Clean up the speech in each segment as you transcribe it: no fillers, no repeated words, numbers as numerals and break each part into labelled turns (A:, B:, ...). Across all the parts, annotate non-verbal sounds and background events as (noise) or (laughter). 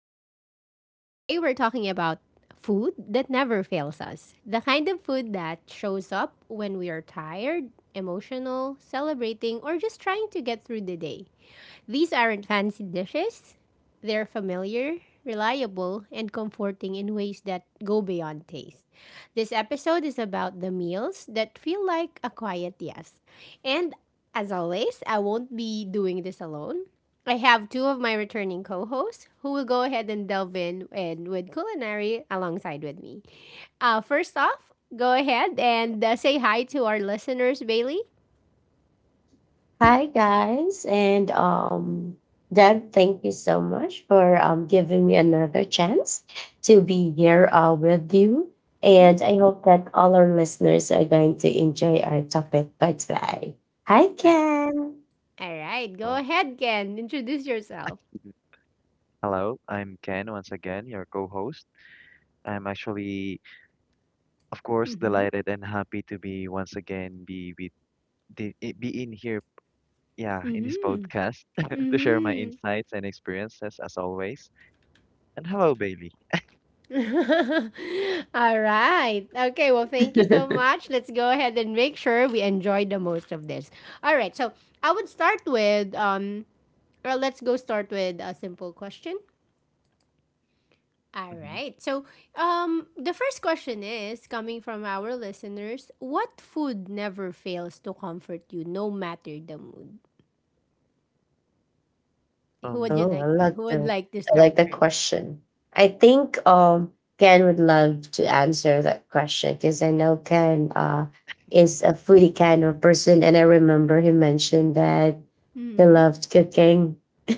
A: Lounge. Today we're talking about food that never fails us. The kind of food that shows up when we are tired, emotional, celebrating, or just trying to get through the day. These aren't fancy dishes. They're familiar, reliable, and comforting in ways that go beyond taste. This episode is about the meals that feel like a quiet yes. And as always, I won't be doing this alone. I have two of my returning co-hosts who will go ahead and delve in and with culinary alongside with me. First off, go ahead and say hi to our listeners, Bailey.
B: Hi guys, and Deb, thank you so much for giving me another chance to be here with you.
A: Mhm.
B: And I hope that all our listeners are going to enjoy our topic for today. Hi, Ken.
A: All right, go
C: Uh,
A: ahead, Ken. Introduce yourself.
C: mhm. Hello, I'm Ken once again, your co-host. I'm actually, of course,
A: Mhm.
C: delighted and happy to be once again be with be in here, yeah, in this
A: Mhm.
C: podcast (laughs) to share my
A: Mhm.
C: insights and experiences as always. And hello, Bailey.
A: (laughs) All right. Okay, well, thank you so
B: (laughs)
A: much. Let's go ahead and make sure we enjoy the most of this. All right. So, I would start with well, let's go start with a simple question. All
C: Mhm.
A: right. So, the first question is coming from our listeners, what food never fails to comfort you no matter the mood? Who would you
C: Um,
B: Oh,
A: like who would like to
B: I like
A: start
B: that
A: first?
B: question. I think Ken would love to answer that question because I know Ken is a foodie kind of person and I remember he mentioned that he loved cooking. (laughs)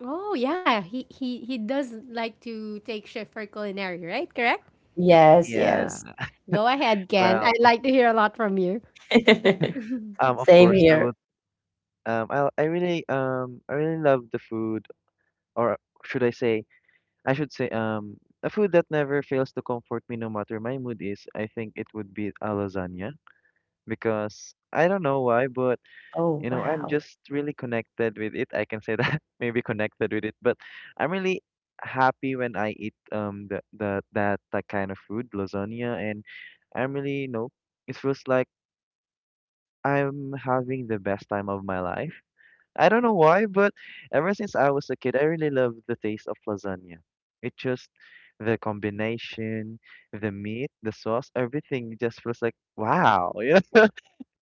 A: Oh yeah, he does like to take chef for culinary, right? Correct.
B: Yes, yes.
C: yeah.
A: Go ahead, Ken.
C: Well,
A: I'd like to hear a lot from you.
B: (laughs)
C: of
B: Same
C: course, I
B: here.
C: would. I really I really love the food, or should I say, I should say A food that never fails to comfort me no matter my mood is, I think it would be a lasagna, because I don't know why, but
B: Oh
C: you know, I'm
B: wow.
C: just really connected with it. I can say that (laughs) maybe connected with it, but I'm really happy when I eat the, that kind of food, lasagna, and I'm really, you know, it feels like I'm having the best time of my life. I don't know why, but ever since I was a kid, I really love the taste of lasagna. It just the combination, the meat, the sauce, everything just feels like wow, (laughs)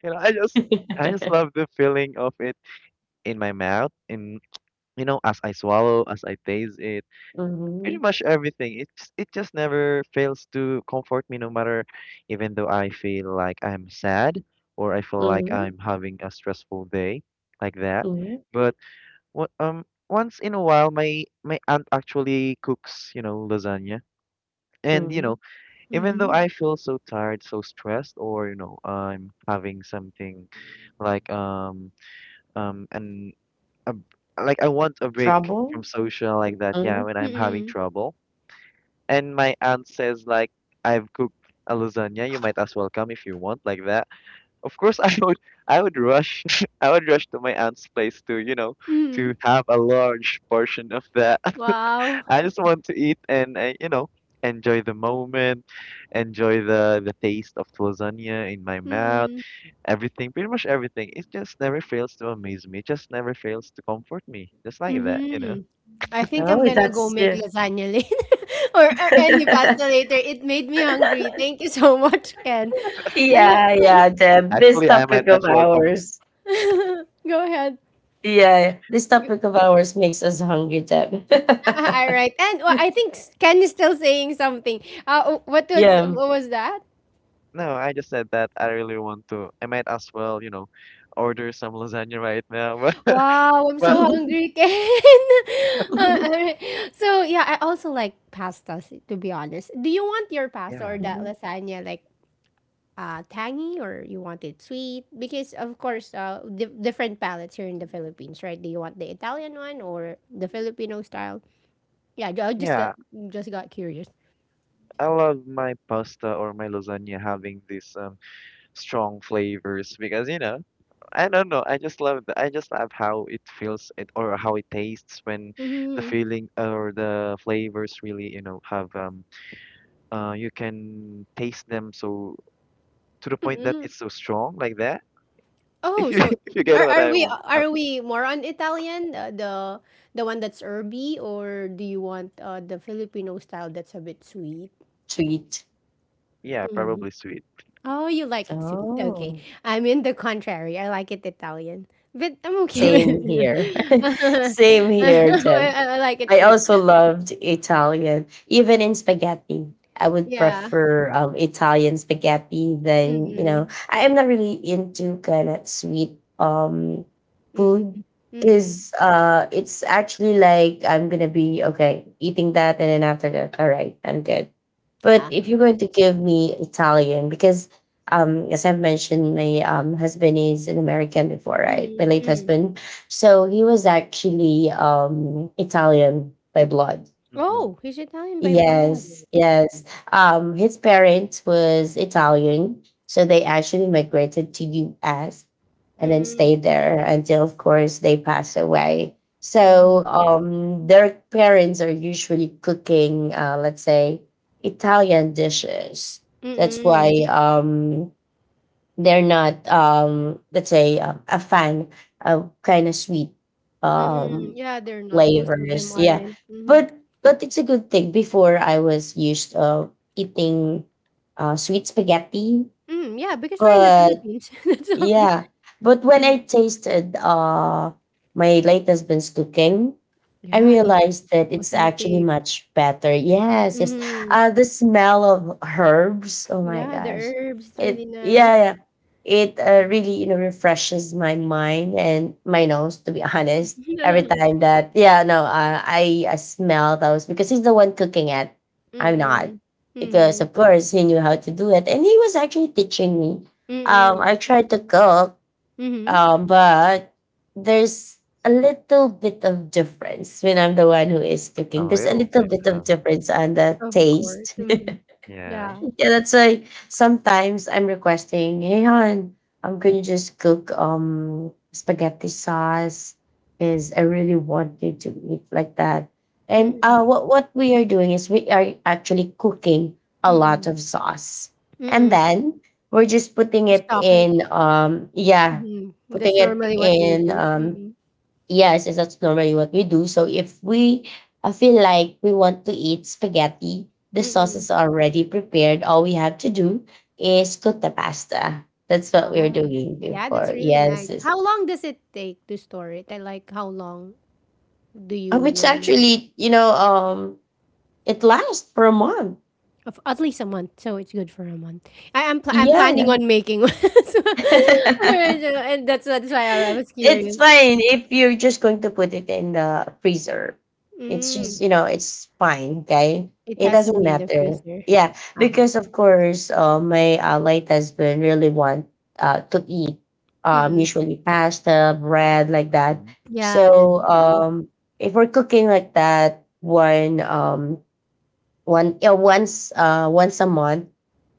C: I just
B: (laughs)
C: love the feeling of it in my mouth, and you know, as I swallow, as I taste it, pretty
B: Hmm.
C: much everything. It just never fails to comfort me, no matter, even though I feel like I'm sad or I feel like
B: Hmm.
C: I'm having a stressful day, like that.
B: Hmm.
C: But what once in a while, my aunt actually cooks, you know, lasagna. And you
B: Hmm.
C: know, even though
A: Mm-hmm.
C: I feel so tired, so stressed, or you know, I'm having something like and a, like I want a break
B: Trouble?
C: from social like that, yeah,
B: Hmm.
C: when I'm having
A: Mm-mm.
C: trouble, and my aunt says like I've cooked a lasagna, you might as well come if you want, like that, of course (laughs) I would rush (laughs) I would rush to my aunt's place to you know
A: Mm-mm.
C: to have a large portion of that. (laughs)
A: Wow.
C: I just want to eat and you know, enjoy the moment, enjoy the taste of lasagna in my mouth.
A: Mm-mm.
C: Everything, pretty much everything. It just never fails to amaze me. It just never fails to comfort me. Just like that, you know.
A: Mm-hmm. I think I'm
B: Oh,
A: gonna go
B: that's
A: make
B: yeah.
A: lasagna (laughs) later or any
B: (laughs)
A: pasta later. It made me hungry. Thank you so much, Ken. All right.
B: Yeah, yeah, Deb. This
C: Actually, I might
B: topic of
C: as well come.
B: ours.
A: (laughs) Go ahead.
B: Yeah, this
A: G-
B: topic of ours makes us hungry, Deb.
A: (laughs) All right. And well, I think Ken is still saying something. What
B: (laughs)
A: was
B: Yeah.
A: what was that?
C: No, I just said that I really want to. I might as well, you know, order some lasagna right now. (laughs)
A: Wow, I'm so
C: But
A: hungry, Ken. (laughs)
B: (laughs)
A: Alright. So yeah, I also like pastas. To be honest, do you want your pasta
C: yeah,
A: or that lasagna like tangy, or you want it sweet? Because of course, different palates here in the Philippines, right? Do you want the Italian one or the Filipino style? Yeah, I just got
C: yeah,
A: curious.
C: I love my pasta or my lasagna having these strong flavors because you know I don't know. I just love. I just love how it feels it or how it tastes when the
A: Mm-hmm.
C: feeling or the flavors really you know have you can taste them, so to the point that it's so strong like that. (laughs) If
A: Oh,
C: you
A: so
C: get
A: are
C: what
A: are
C: I
A: we
C: want.
A: are we more on Italian, the one that's herby, or do you want the Filipino style that's a bit sweet?
B: Treat.
C: Yeah,
A: Mm.
C: probably sweet.
A: Oh, you like it sweet. Okay,
B: Oh.
A: I'm in the contrary. I like it Italian, but I'm okay with
C: Oh.
B: Same
A: it.
B: here. (laughs)
A: (laughs)
B: Same
A: I,
B: here, Jim.
A: I like it
B: I
A: sweet.
B: also loved Italian, even in spaghetti. I would
A: Yeah.
B: prefer Italian spaghetti than.
A: Mm-mm.
B: I am not really into kind of sweet food
A: Mm-mm. Mm-mm.
B: because it's actually like I'm gonna be okay eating that and then after that, all right, I'm good. But
A: Ah.
B: if you're going to give me Italian, because as I've mentioned, my husband is an American before, right? My late
A: Mm-mm.
B: husband. So he was actually Italian by blood.
C: Mm-hmm.
A: Oh, he's Italian by
C: Oh.
A: blood.
B: Yes, yes. His parents was Italian, so they actually migrated to U.S. and then
A: Mm-mm.
B: stayed there until, of course, they passed away. So their parents are usually cooking, let's say, Italian dishes. That's why
A: Mm-mm.
B: they're not let's say a fan of kind of sweet
A: Mm,
B: um
A: yeah, they're not. Most of them
B: flavors, yeah,
A: aren't. Mhm.
B: but it's a good thing before I was used of eating sweet spaghetti.
A: Mm, yeah, because we're in the
B: But
A: Philippines. (laughs) That's so.
B: yeah, but when
A: Mhm.
B: I tasted my late husband's cooking, I
A: Yeah, it's
B: realized that it's actually
A: authentic.
B: much better. Yes, yes.
A: Mhm.
B: The smell of herbs. Oh my
A: Yeah, the
B: gosh,
A: herbs, is really
B: it
A: nice.
B: yeah yeah, it
C: Mm-hmm.
B: really refreshes my mind and my nose. To be (laughs) honest, every
A: (laughs)
B: time that yeah no I smell those because he's the one cooking it. I'm not
A: Mm.
B: because
A: Mhm.
B: of course he knew how to do it and he was actually teaching me.
A: Mm. Mhm.
B: I tried to cook,
A: Hmm.
B: but there's a little bit of difference when I'm the one who is
C: A
B: cooking. There's a
C: little
B: little
C: bit.
B: bit
C: Huh?
B: of difference on the
A: Of course.
B: taste.
A: Mhm.
C: Yeah.
A: Yeah.
B: Yeah, that's why sometimes I'm requesting, hey hon, I'm gonna just cook spaghetti sauce? Because I really wanted to eat like that. And
A: Mm.
B: what
C: Mm-hmm.
B: what we are doing is we are actually cooking a
A: Mm.
B: lot of sauce, and
A: Mm.
B: then we're just putting
A: You
B: it
A: stock it.
B: in yeah,
A: Mhm.
B: putting
A: That's
B: it
A: normally what they
B: in.
A: do. Mm.
B: Yes, yes, that's normally what we do. So if we I feel like we want to eat spaghetti, the sauce
A: Mm.
B: is already prepared. All we have to do is cook the pasta. That's what we are
A: Wow.
B: doing
A: Yeah, that's
B: before.
A: really nice.
B: Yes, yes.
A: How long does it take to store it? I like how long? Do you
B: Which
A: normally?
B: actually, you know, it lasts for a month.
A: Of at least a month, so it's good for a month. I'm planning on
B: Yeah.
A: making one, (laughs) so, alright,
B: (laughs)
A: and that's why I was
B: It's
A: curious.
B: fine if you're just going to put it in the freezer. It's
A: Mm,
B: just, you know, it's fine, okay?
A: it
B: It
A: has to
B: doesn't
A: be in the
B: matter.
A: freezer.
B: Yeah,
A: Uh-huh.
B: because of course, my late husband really want to eat
A: Mm-mm.
B: usually pasta, bread, like that.
A: Yeah.
B: So
A: The.
B: if we're cooking like that, one one yeah once once a month.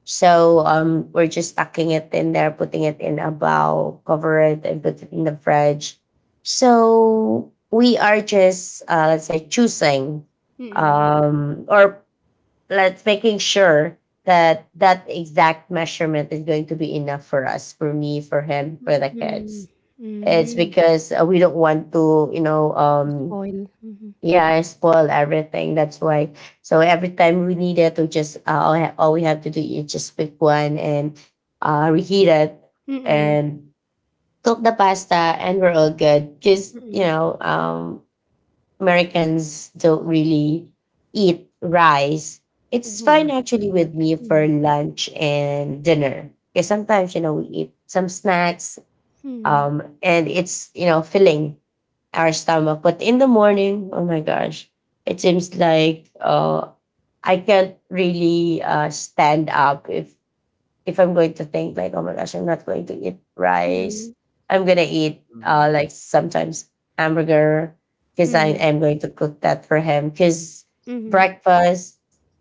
B: So we're just tucking it in there, putting it in a bowl, cover it and put it in the fridge. So we are just let's say choosing
A: Mm-mm.
B: or let's making sure that that exact measurement is going to be enough for us, for me, for him,
A: Mm-mm.
B: for the
A: Mm-mm.
B: kids. It's
A: Mm-mm.
B: because we don't want to, you know,
A: Spoil. Mm-hmm.
B: yeah, I spoil everything. That's why. So every time we need it, we just all we have to do is just pick one and reheat it
A: Mm-mm.
B: and cook the pasta, and we're all good. Because
A: Mm-mm.
B: you
A: Mm.
B: know, Americans don't really eat rice. It's
A: Yeah.
B: fine actually
A: Not
B: with
A: much.
B: me for
A: Mm.
B: lunch and dinner. Because sometimes you know we eat some snacks,
A: Mm.
B: and it's you know filling our stomach. But in the morning, oh my gosh, it seems like I can't really stand up if I'm going to think like, oh my gosh, I'm not going to eat rice.
A: Mm.
B: I'm gonna eat
C: Mm-hmm.
B: like sometimes hamburger because I
A: Mm.
B: am going to cook that for him. Because
A: Mm.
B: breakfast,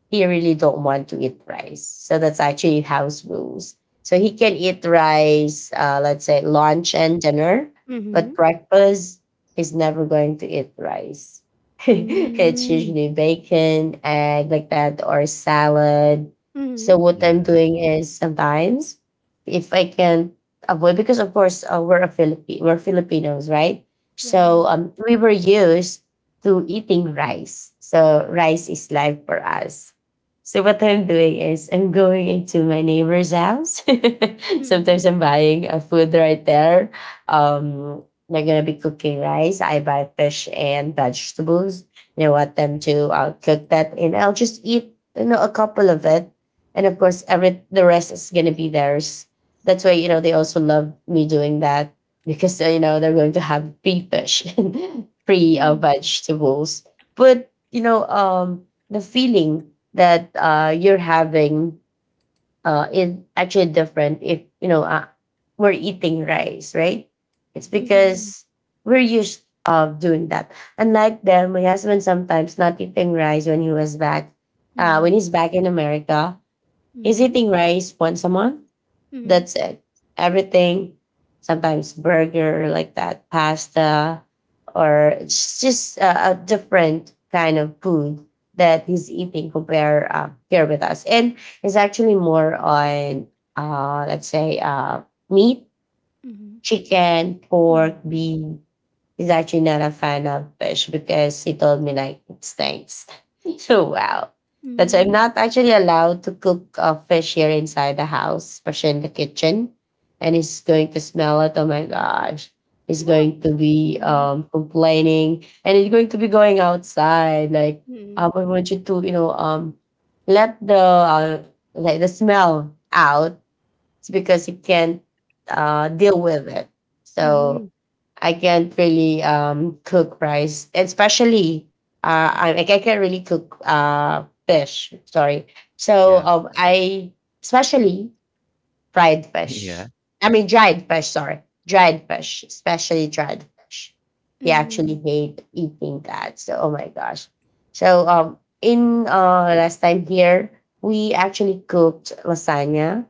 B: he really don't want to eat rice, so that's actually house rules. So he can eat rice, let's say lunch and dinner,
A: Mm.
B: but
A: Mm.
B: breakfast is never going to eat rice. (laughs) It's
A: Mm.
B: usually bacon, egg like that, or salad.
A: Mm.
B: So what I'm
C: Yeah.
B: doing is sometimes if I can avoid, because of course we're a Philippi we're Filipinos, right?
A: Yeah.
B: So we were used to eating rice. So rice is life for us. So what I'm doing is I'm going into my neighbor's house. (laughs)
A: Mm.
B: Sometimes I'm buying a food right there. Um they're gonna be cooking rice. I buy fish and vegetables. You know, want them to cook that, and I'll just eat you know a couple of it and of course every the rest is gonna be theirs. That's why you know they also love me doing that because you know they're going to have free fish, (laughs) free
A: Mm.
B: vegetables. (laughs) But you know the feeling that you're having is actually different if you know we're eating rice, right? It's
A: Mm.
B: because we're used of doing that. Unlike them, my husband sometimes not eating rice when he was back, when
A: Mhm.
B: he's back in America. He's
A: Mhm.
B: eating rice once a month.
A: Mhm.
B: That's it. Everything, sometimes burger like that, pasta, or it's just a different kind of food that he's eating compared here with us. And it's actually more on, let's say, meat,
A: Mhm.
B: chicken, pork,
A: Mhm.
C: Mm.
B: beef. He's actually not a fan of fish because he told me like it stinks. (laughs) So wow. That's why I'm
A: Mm.
B: not actually allowed to cook fish here inside the house, especially in the kitchen. And he's going to smell it. Oh my gosh. He's
A: Well.
B: going to be
A: Mhm.
B: complaining and he's going to be going outside. Like
A: Mhm.
B: I want you to, you know, let the like the smell out. It's because he can't deal with it. So I can't really cook rice, especially I can't really cook fish. Sorry. So
C: Yeah.
B: I especially fried
C: (laughs) Yeah.
B: fish. I mean, dried fish, sorry. Dried fish, especially dried fish. He actually
A: Mhm.
B: hate eating that. So, oh my gosh. So, in last time here, we actually cooked lasagna.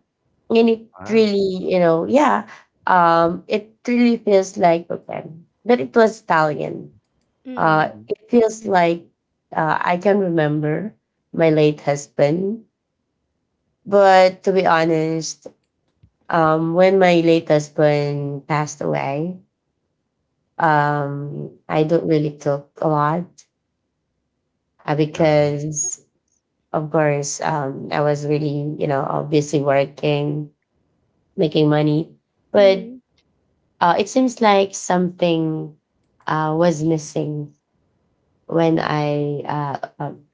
B: And it
C: Wow.
B: really, you know, yeah, it really feels like, okay, but it was Italian.
A: Mhm.
C: Mm-hmm.
B: It feels like I can remember my late husband. But to be honest, when my late husband passed away, I don't really talk a lot
C: Yeah.
B: because, of course, I was really, you know, busy working, making money. But
A: Mhm.
B: it seems like something was missing when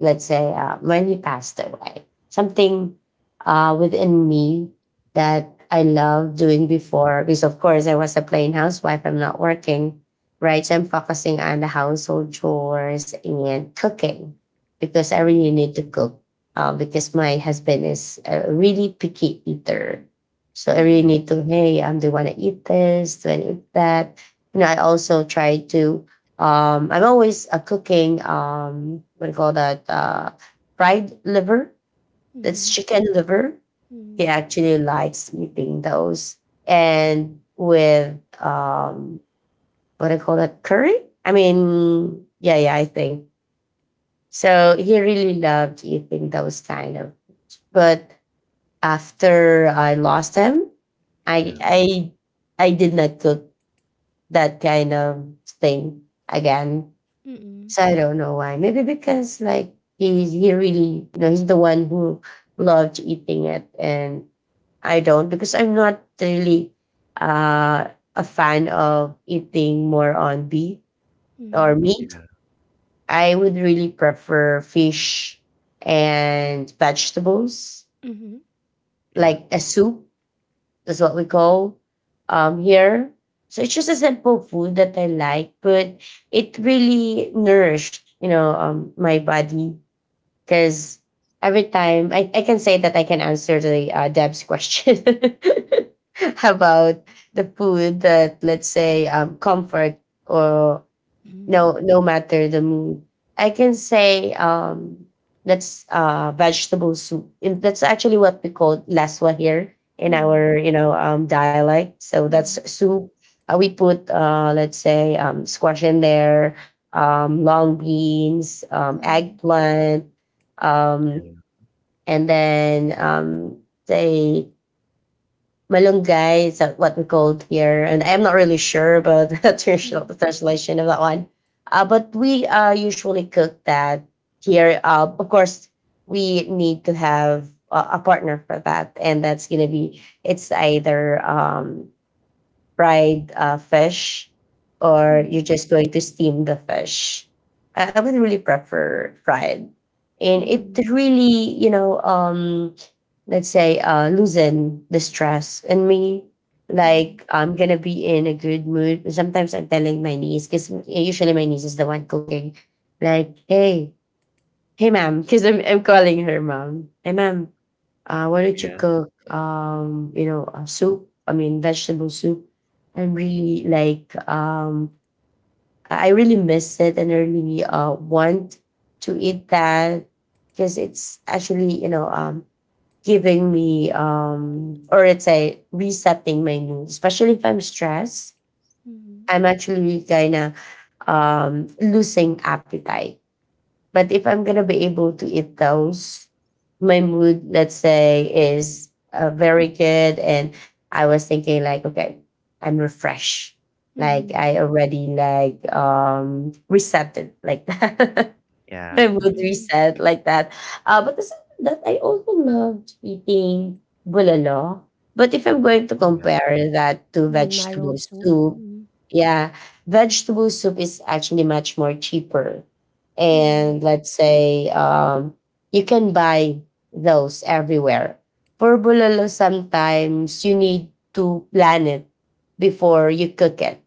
B: let's say, when he passed away, something within me that I loved doing before, because of course I was a plain housewife, I'm not working, right? So I'm focusing on the household chores and cooking because I really need to cook because my husband is a really picky eater. So I really
C: Yeah.
B: need to, hey, do you want to eat this? Do I eat that? You know, I also try to I'm always cooking, what do you call that? Fried liver.
A: Mhm.
B: That's
A: Mhm.
B: chicken liver. He
A: Mhm.
B: actually likes eating those. And with, um, what do you call that? Curry? I mean, yeah, yeah, I think. So he really loved eating those kind of. But after I lost him,
C: Yeah.
B: I, I, I did not cook that kind of thing again.
A: Mhm.
B: So I don't know why. Maybe because like he really you know he's the one who loved eating it and I don't because I'm not really uh a fan of eating more on beef or meat.
C: Yeah.
B: I would really prefer fish and vegetables,
A: Mhm. Mhm. Mhm.
C: Yeah.
B: like a soup, that's what we call here. So it's just a simple food that I like, but it really nourished, you know, my body because every time I can say that I can answer the Deb's question (laughs) about the food that let's say comfort or
A: Mhm.
B: no matter the mood. I can say that's vegetable soup. And that's actually what we call laswa here in
A: Mhm.
B: our you know dialect, so that's
A: Mhm.
B: soup. We put let's say squash in there, long beans,
A: Mhm.
B: eggplant, um
C: Yeah.
B: and then say Malunggay, is that what we called here? And I'm not really sure about (laughs) the translation of that one. But we usually cook that here. Of course, we need to have a partner for that, and that's gonna be it's either fried fish,
A: Mhm.
C: Mm-hmm.
B: or
A: Mhm.
B: you're just going to steam the fish. I would really prefer fried. And it
A: Mhm.
B: really, let's say, loosen the stress in me.
A: Uh-huh.
B: Like I'm gonna be in a good mood. Sometimes I'm telling my niece, because usually my niece is the one cooking. Like, hey, "Hey, ma'am," because I'm calling her ma'am. "Hey, ma'am, why don't you
C: Yeah.
B: cook, soup? I mean, vegetable soup. I'm really
C: Mhm.
B: like, I really miss it, and I really want to eat that because it's actually, giving me or it's a resetting my mood, especially if I'm stressed.
A: Mhm.
B: I'm actually kinda losing appetite, but if I'm gonna be able to eat those, my mood, let's say, is very good, and I was thinking like, okay, I'm refreshed. Like
A: Mhm.
B: I already like resetted like (laughs) that, my
C: Yeah.
B: mood
A: Mhm.
B: reset like that. But aside from that, I also loved eating bulalo. But if I'm going to
C: Oh yeah.
B: compare that to
A: Bone
B: vegetable
A: marrow soup.
B: soup,
A: Mhm.
B: yeah, vegetable soup is actually much more cheaper.
A: Mhm.
B: And let's say, you can buy those everywhere. For bulalo, sometimes you need to plan it before you cook it.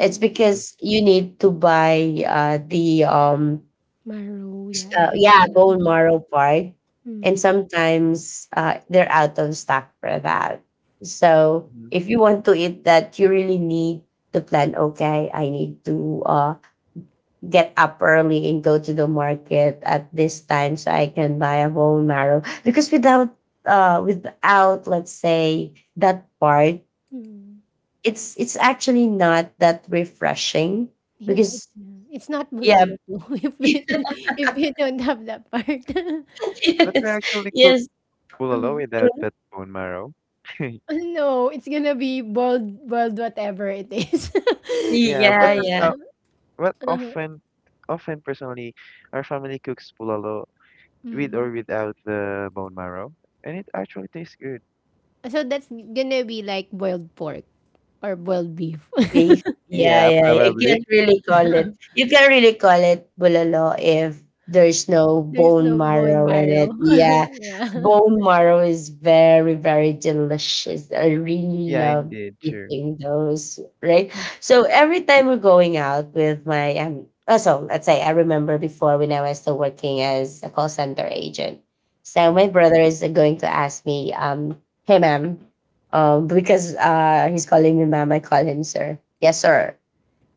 B: It's
C: Mm-hmm.
B: because you need to buy the
A: Marrow,
B: S
A: yeah,
B: yeah,
A: everything.
B: bone
A: Mhm.
B: marrow part, and
A: Mhm.
B: sometimes, they're out of stock for that. So,
C: Mm-hmm.
B: if you want to eat that, you really need to plan, "Okay, I need to, get up early and go to the market at this time so I can buy a bone marrow." Because without, without, let's say, that part,
A: Mhm.
B: it's actually not that refreshing because
A: Yeah. It's not
B: yeah. (laughs)
A: bulalo po (laughs) if you don't have that part. (laughs)
C: But we
B: Yes.
C: actually cook
B: Yes.
C: bulalo
A: Mm.
C: without that bone marrow. (laughs)
A: No, it's gonna be boiled whatever it is. (laughs)
C: Yeah,
B: Yeah,
C: but
A: Uh,
C: that's
B: yeah.
C: how well,
A: uh.
C: often, often personally, our family cooks pulalo with
A: Mm.
C: or without the bone marrow, and it actually tastes good.
A: So that's gonna be like boiled pork or boiled beef.
B: Beef. Yeah,
C: Yeah,
B: yeah, yeah. You
C: probably.
B: can't
C: (laughs)
B: really call it.
A: (laughs)
B: You can really call it bulalo if there's no
A: There's
B: bone
A: no bone
B: marrow in it.
A: marrow.
B: Yeah,
A: (laughs) Yeah.
B: bone marrow is very, very delicious. I really
C: Yeah,
B: love
C: indeed, sure.
B: eating those. Right.
A: Ah.
B: So every time we're going out with my let's say I remember before when I was still working as a call center agent. So my
C: Hmm.
B: brother is going to ask me, hey ma'am. Because he's calling me ma'am, I call him sir. Yes, sir.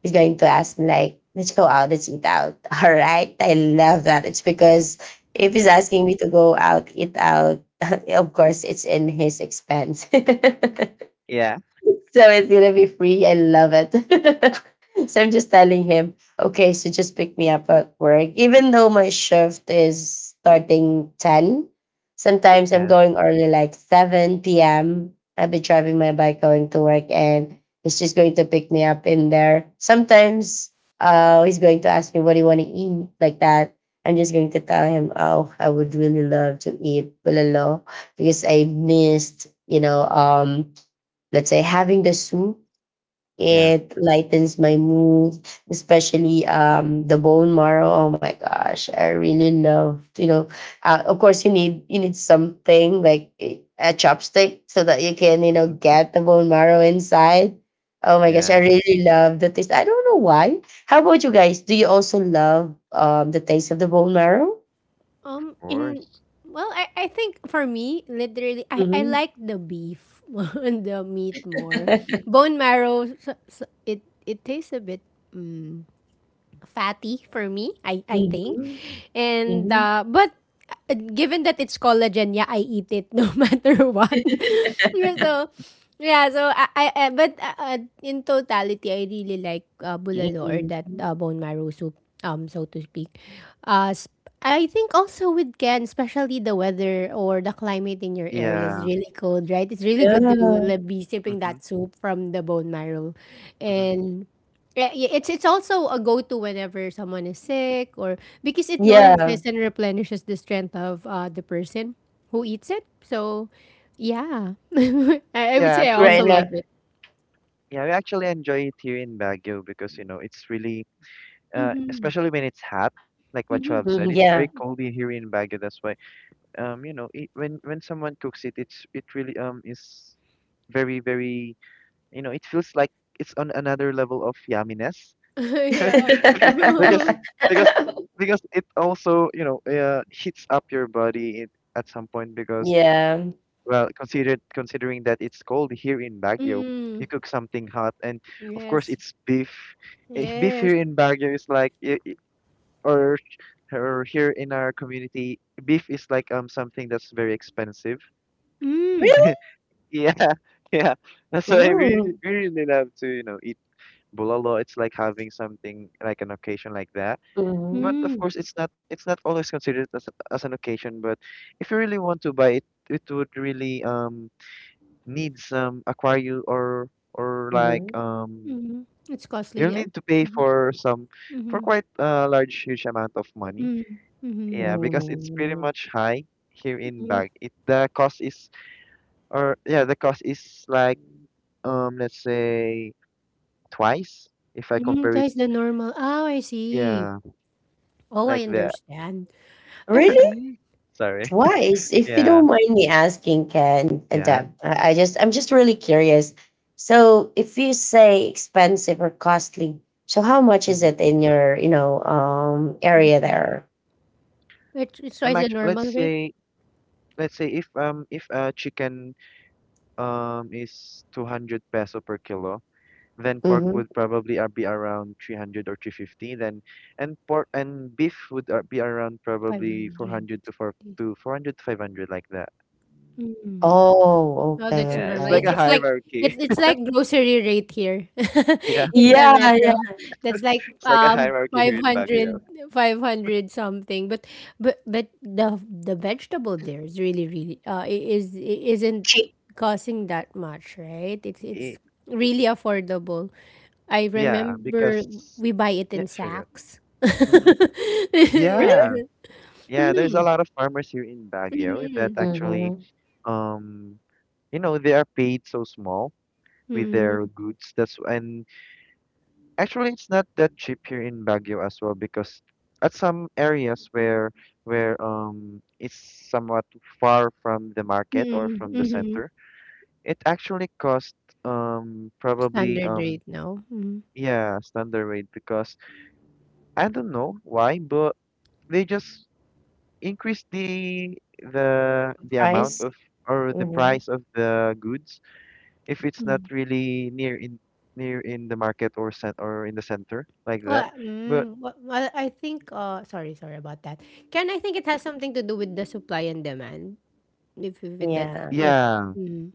B: He's going to ask me like, let's go out, let's eat out. (laughs) All right, I love that. It's because if he's
A: Mm.
B: asking me to go out, eat out, (laughs) of course, it's in his expense. (laughs)
C: Yeah.
B: So it's gonna be free. I love it. (laughs) So I'm just telling him, okay, so just pick me up at work. Even though my shift is starting 10, sometimes I'm
C: Yeah,
B: going early like 7 p.m. I'll be driving my bike going to work, and he's just going to pick me up in there. Sometimes he's going to ask me, what do you want to eat, like that. I'm just going to tell him, oh, I would really love to eat bulalo because I missed, let's say having the soup,
C: yeah,
B: it lightens my mood, especially the bone marrow. Oh my gosh, I really love, you know, of course you need something like a chopstick so that you can, you know,
C: hmm,
B: get the bone marrow inside. Oh my gosh,
C: yeah,
B: I
C: of
B: really love the taste. I don't know why. How about you guys, do you also love the taste of the bone marrow?
A: Um, in
C: course.
A: I think for me, literally, I
B: hmm
A: like the beef (laughs) and the meat more.
B: (laughs)
A: Bone marrow, so it tastes a bit, mm, fatty for me. I think,
C: Hmm.
B: hmm
A: and
B: hmm
A: but given that it's collagen, yeah, I eat it no (laughs) matter what. (laughs) So yeah, so I- but in totality, I really like bulalo, or
B: hmm
A: that
B: (laughs)
A: bone marrow soup, so to speak. Uh, sp- I think also with Ken, especially the weather or the climate in your area is
C: Yeah,
A: really cold, right? It's really good to
B: Yeah.
A: like, be sipping
C: hmm,
A: that soup from the bone marrow,
C: hmm,
A: and yeah, yeah, it's also a go-to whenever someone is sick, or because it
B: Yeah.
A: nourishes and replenishes the strength of the person who eats it. So, yeah, (laughs) I would
C: yeah,
A: say I
C: actually,
B: Right
A: also
C: we
B: now.
A: like it.
C: yeah we actually enjoy it here in Baguio because you know it's really
A: Hmm.
C: especially when it's hot, like what you
A: Hmm.
C: have said,
B: Mhm,
C: it's very
B: yeah.
C: cold in here in Baguio. That's why you know it, when someone cooks it it's it really is very very you know it feels like it's on another level of yumminess.
A: (laughs) Yeah,
C: (laughs) because
A: true.
C: because
B: (laughs)
C: because it also you know heats up your body it, at some point because
B: Yeah.
C: well considered considering that it's cold here in Baguio,
A: (laughs) Mm.
C: you cook something hot and of course
A: Yes,
C: it's beef. Beef
A: yes.
C: here in Baguio is like or or here in our community beef is like something that's very expensive.
A: Mm.
B: Really?
C: (laughs) Yeah, (laughs) yeah. (laughs) So why
B: Ooh.
C: we really love to, you know, eat bulalo. It's like having something like an occasion like that.
B: Mhm,
C: But of
A: Mm.
C: course, it's not always considered as an occasion. But if you really want to buy it, it would really need some aquarium or like
B: mhm,
A: Mm. It's costly
C: you'll
A: there.
C: need to pay
A: Mm-hmm.
C: for some for
A: Mm-hmm.
C: quite a large huge amount of money.
A: Mm-hmm.
C: Yeah, because it's pretty
B: mhm.
C: much high here in Bag. It the cost is or yeah the cost is like let's say twice if I
A: Mm-hmm.
C: compare it.
A: Twice the normal. Oh, I see.
C: Yeah,
A: Oh, I
C: like that.
A: understand. All
B: Really?
A: right.
C: Sorry. (laughs)
B: Twice? If you
C: Yeah,
B: don't mind me asking, Ken and
C: yeah.
B: Deb, I just I'm just really curious. So, if you say expensive or costly, so how much is
C: Mm-hmm.
B: it in your, you know, area there?
A: It's
C: Am
A: twice the
C: actually,
A: normal rate,
C: let's say if a chicken is 200 peso per kilo, then pork
B: Mm-hmm.
C: would probably be around 300 or 350. Then and pork and beef would be around probably
A: 500.
C: 400 to 500 like that.
A: Mm.
B: Oh,
A: Oh,
B: okay,
A: that's
C: Yeah, it's
A: normal.
C: like
A: It's
C: a
B: okay.
A: it's like
C: hierarchy.
A: it's it's
C: (laughs)
A: like grocery rate here
C: Yeah,
A: (laughs) in the
B: Yeah,
A: metro.
B: yeah.
A: That's like
C: it's like a hierarchy here
A: five
C: in Baguio.
A: hundred something. But the vegetable there is really, really isn't costing that much, right? It's
C: I-
A: really affordable. I
C: yeah,
A: remember
C: because
A: we buy it
C: yeah,
A: in
C: sure.
A: sacks. (laughs)
B: Really?
C: Yeah,
A: Yeah.
C: yeah. There's a
A: Mm.
C: lot of farmers here in Baguio that
A: Mm.
C: actually,
B: Mm-hmm.
C: um, you know, they are paid so small with
A: Mm.
C: their goods. That's and actually, it's not that cheap here in Baguio as well because at some areas where it's somewhat far from the market or
A: Mm.
C: from the
A: Mhm.
C: center, it actually cost probably
A: Standard rate now. Hmm.
C: yeah standard rate because I don't know why, but they just increase the amount
B: Price?
C: of or the
B: Mm-hmm.
C: price of the goods if it's not
A: Hmm.
C: really near in near in the market or cent or in the center like that.
A: Well,
C: But
A: I think, sorry about that. Can I think it has something to do with the supply and demand? If it, that's
B: Yeah.
A: if.
C: yeah,
A: Mm.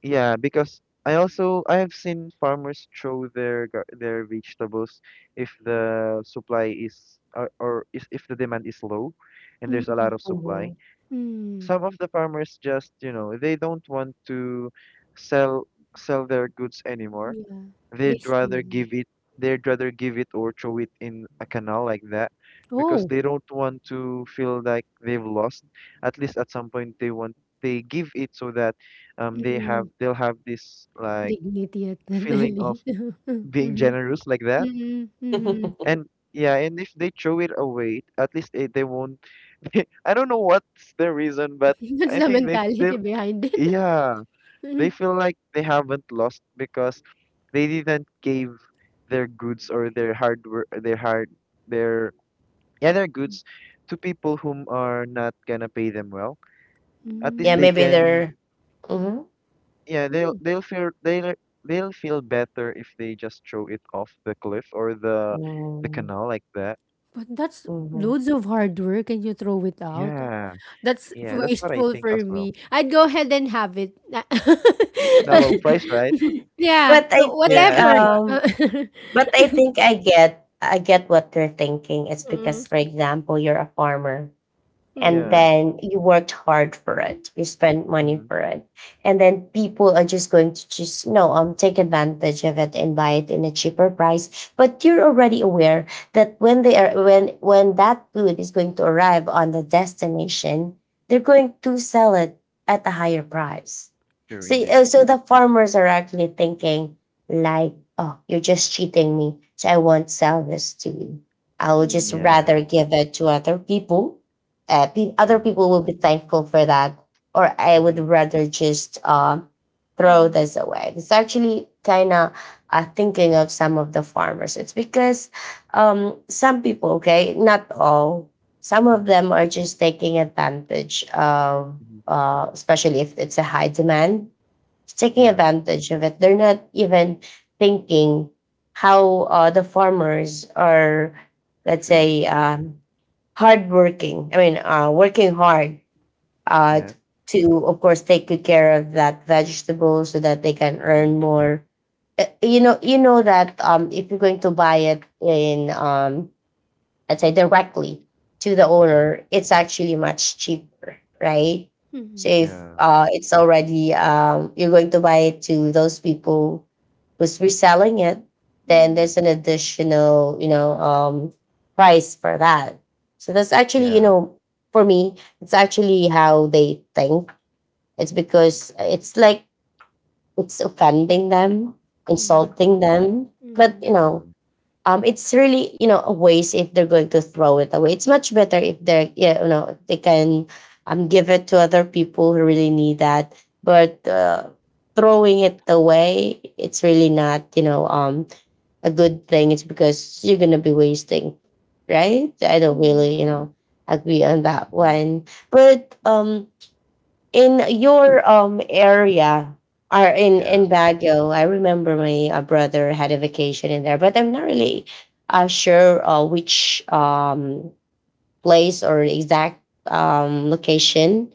C: yeah, because I also I have seen farmers throw their their vegetables if the supply is or is if the demand is low and there's a
A: Mm.
C: lot of supply.
B: hmm
A: Mm.
C: Some of the farmers just, you know, they don't want to sell sell their goods anymore,
A: Yeah.
C: they'd
A: This.
C: rather
A: Mm.
C: give it, they'd rather give it or throw it in a canal like that because
A: Oh,
C: they don't want to feel like they've lost. At least at some point they want they give it so that they have
A: mm,
C: they'll have this like
A: dignity at
C: feeling
A: nadali.
C: of
A: (laughs)
C: being
A: Hmm.
C: generous like that.
A: Mm. Hmm.
B: (laughs)
C: And yeah and if they throw it away at least they won't (laughs) I don't know what's the reason but
A: (laughs) That's
C: I
A: the
C: think they feel
A: mentality behind it.
C: yeah they
A: (laughs)
C: feel like they haven't lost because they didn't give their goods or their hard work, their hard, their yeah, their goods to people whom are not gonna pay them well.
A: Mm.
C: At
B: yeah,
C: least they
A: Mm.
B: maybe
C: can,
B: they're. hmm
C: yeah, they'll feel they'll feel better if they just throw it off the cliff or the
B: hmm
C: canal like that.
A: But that's loads of hard work and you throw it out.
C: Yeah,
A: That's
C: yeah, that's what I
A: wasteful
C: think
A: for
C: as well.
A: me. I'd go ahead and have it. (laughs)
C: In a low
B: (laughs)
C: price, right?
A: Yeah,
B: But I think
C: Yeah,
A: whatever.
B: um
A: (laughs)
B: but I think I get what they're thinking. It's
A: Mm.
B: because, for example, you're a farmer, and
A: Mm.
C: yeah.
B: then you worked hard for it, you spent money
C: Mm-hmm.
B: for it, and then people are just going to just no take advantage of it and buy it in a cheaper price, but you're already aware that when they are when that food is going to arrive on the destination, they're going to sell it at a higher price.
C: True
B: So
C: indeed.
B: so the farmers are actually thinking like, oh, you're just cheating me, so I won't sell this to you. I would just
A: Mm.
B: rather
C: Yeah,
B: give it to other people. Other
C: true.
B: people will be thankful for that, or I would
C: Mm-hmm.
B: rather just throw
A: Mm.
B: this away. It's actually kind of, thinking of some of the farmers, it's because, some people, okay, not all, some of
C: Mm-hmm.
B: them are just taking advantage of,
C: Mm-hmm.
B: especially if it's a high demand, taking
C: Yeah.
B: advantage of it. They're not even thinking how the farmers are,
C: Good
B: let's
C: feel.
B: say, hardworking. I mean, working hard uh,
C: Yeah.
B: to, of course, take good care of that vegetable so that they can
C: Mm-hmm.
B: earn more. You know that if you're going to buy it in, let's say, directly to the
C: Mm-hmm.
B: owner, it's actually much cheaper, right?
A: Mm.
B: So
A: Mm.
B: if
C: Yeah.
B: it's already you're going to buy it to those people who's reselling it, then
A: Mm.
B: there's an additional, you know, price for that. So that's actually, you
C: Yeah.
B: know, for me, it's actually how they think. It's because it's like it's offending them,
A: Mm.
B: insulting them. But you know,
C: True.
B: it's really, you know, a waste if they're going to throw it away. It's much better if they're, yeah, you know, if they can give it to other people who really need that. But throwing it away, it's really not, you know, a good thing. It's because you're gonna be wasting, right? I don't
A: Mm.
B: really, you know, agree on that
C: Mm-hmm.
B: one. But in your area, or
C: Yeah.
B: in Baguio, I remember my brother had a vacation in there, but I'm not really sure which place or exact location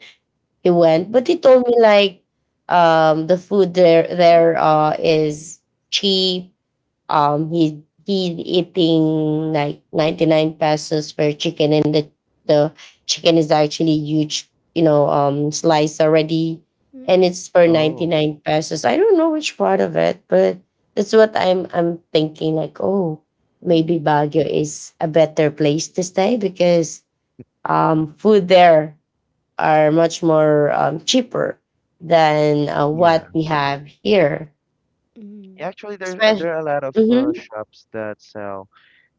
B: he went.
C: Mm-hmm.
B: But he told me like the food there is cheap. He eating like 99 pesos per chicken, and the chicken is actually huge, you know, slice already, and
A: Mm.
B: it's for ninety
C: Oh,
B: nine pesos. I don't know which part of it, but that's what I'm thinking. Like, oh, maybe
A: Mm.
B: Baguio is a better place to stay because food there are much more cheaper than
C: yeah.
B: what we have here.
A: Mm.
C: Actually, there there
B: Especially,
C: are a lot of shops that sell,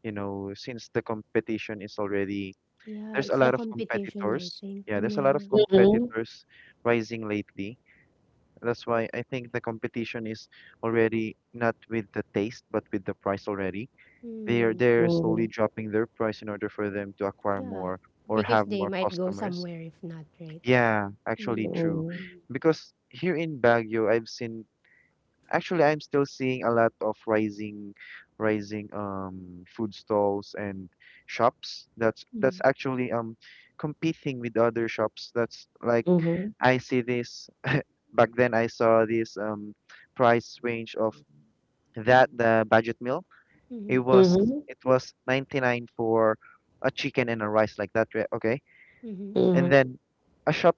C: you know, since the competition is already
A: Yeah,
C: there's a
A: it's the
C: lot of
A: competition, I
C: competitors.
A: think.
C: Yeah, there's a lot of
A: Yeah.
B: hmm
C: competitors rising lately. That's why I think the competition is already not with the taste, but with the price already.
A: Mm,
C: They're slowly
B: Mhm,
C: dropping their price in order for them to acquire
A: yeah.
C: more or
A: Because
C: have
A: they
C: more
A: might go
C: customers.
A: somewhere if not, right?
C: Yeah, actually
A: Mm.
C: true.
B: mm,
A: Mm.
C: Because here in Baguio, I've seen actually I'm still seeing a lot of rising food stalls and shops that's
A: Mm.
C: actually competing with other shops. That's like
B: mhm,
C: I see this (laughs) back then I saw this price range of that the budget meal. It
A: Mm.
C: was
B: mhm,
C: it was 99 for a chicken and a rice like that, right? Okay.
A: Mhm.
C: And
B: mhm.
C: then a shop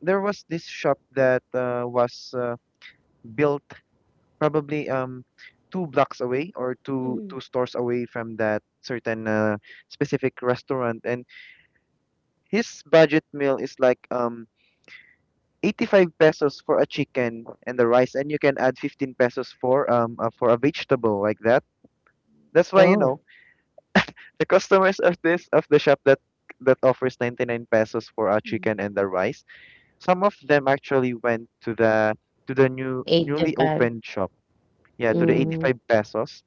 C: there was this shop that was built probably two blocks away or
A: Mhm.
C: two stores away from that certain specific restaurant and his budget meal is like 85 pesos for a chicken and the rice and you can add 15 pesos for a vegetable like that, that's why you
B: Oh,
C: know the customers of this of the shop that that offers 99 pesos for a
A: Mhm.
C: chicken and the rice some of them actually went to the new
B: 8 to
C: newly
B: 5.
C: opened shop. Yeah, to the
A: Mhm.
B: Mhm,
C: 85 pesos.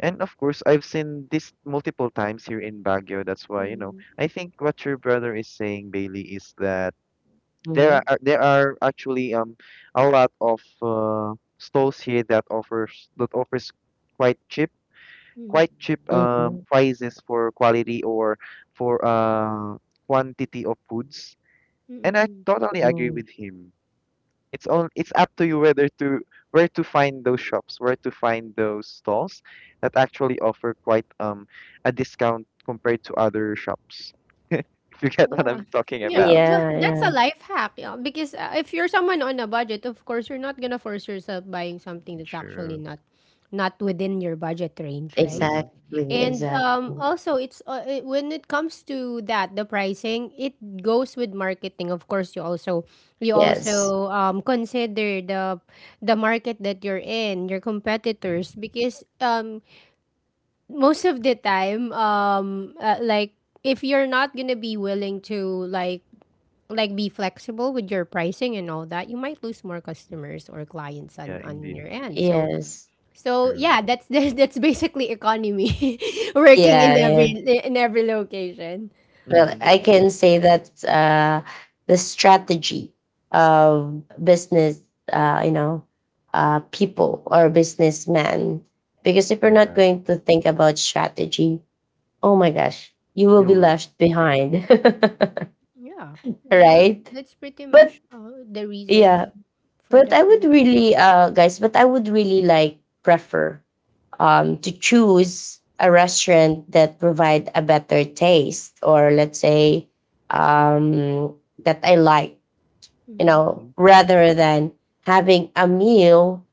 C: And of course, I've seen this multiple times here in Baguio. That's why, you know,
A: Mhm.
C: I think what your brother is saying, Bailey, is that
B: mhm,
C: there are actually a lot of stalls here that offers quite cheap
A: Mhm.
C: quite cheap
B: mhm,
C: prices for quality or for quantity of foods. And I
A: Mm.
C: totally agree
B: mm.
C: with him. It's up to you whether to where to find those shops, where to find those stalls that actually offer quite a discount compared to other shops. (laughs) If you get what
A: Yeah,
C: I'm talking
A: yeah,
C: about.
A: well,
B: Yeah,
A: that's a
B: yeah.
A: life hack, yeah, because, if you're someone on a budget, of course, you're not gonna force yourself buying something
C: (laughs)
A: that's actually
C: True.
A: not not within your budget range, right?
C: Mm-hmm.
B: Exactly,
A: And,
B: exactly.
A: also, when it comes to that, the pricing, it goes with marketing. Of course, you also
B: Yes,
A: consider the market that you're in, your competitors, because, most of the time like, if you're not gonna be willing to like be flexible with your pricing and all that, you might lose more customers or clients
C: Yeah,
A: on
C: indeed.
A: your end, so
B: yes.
C: True.
A: yeah, that's (laughs) that's basically economy (laughs) working
B: Yeah,
A: in every
B: yeah.
A: location.
B: Well,
C: Mm-hmm.
B: I
A: So,
B: can say that the strategy of business, uh, you know, people or businessmen, because if you're not
C: Yeah,
B: going to think about strategy, oh my gosh, you will
C: you
B: be
C: lose.
B: left behind,
A: yeah,
B: (laughs)
C: True.
B: right?
A: that's pretty
B: But
A: much the
B: yeah,
A: reason for
B: but
A: the
B: I would
A: price.
B: really, guys, but I would really like prefer to choose a restaurant that provide a better taste, or let's say, um, that I like, you
A: Mm-hmm.
B: know,
C: Mm-hmm.
B: rather than having a meal.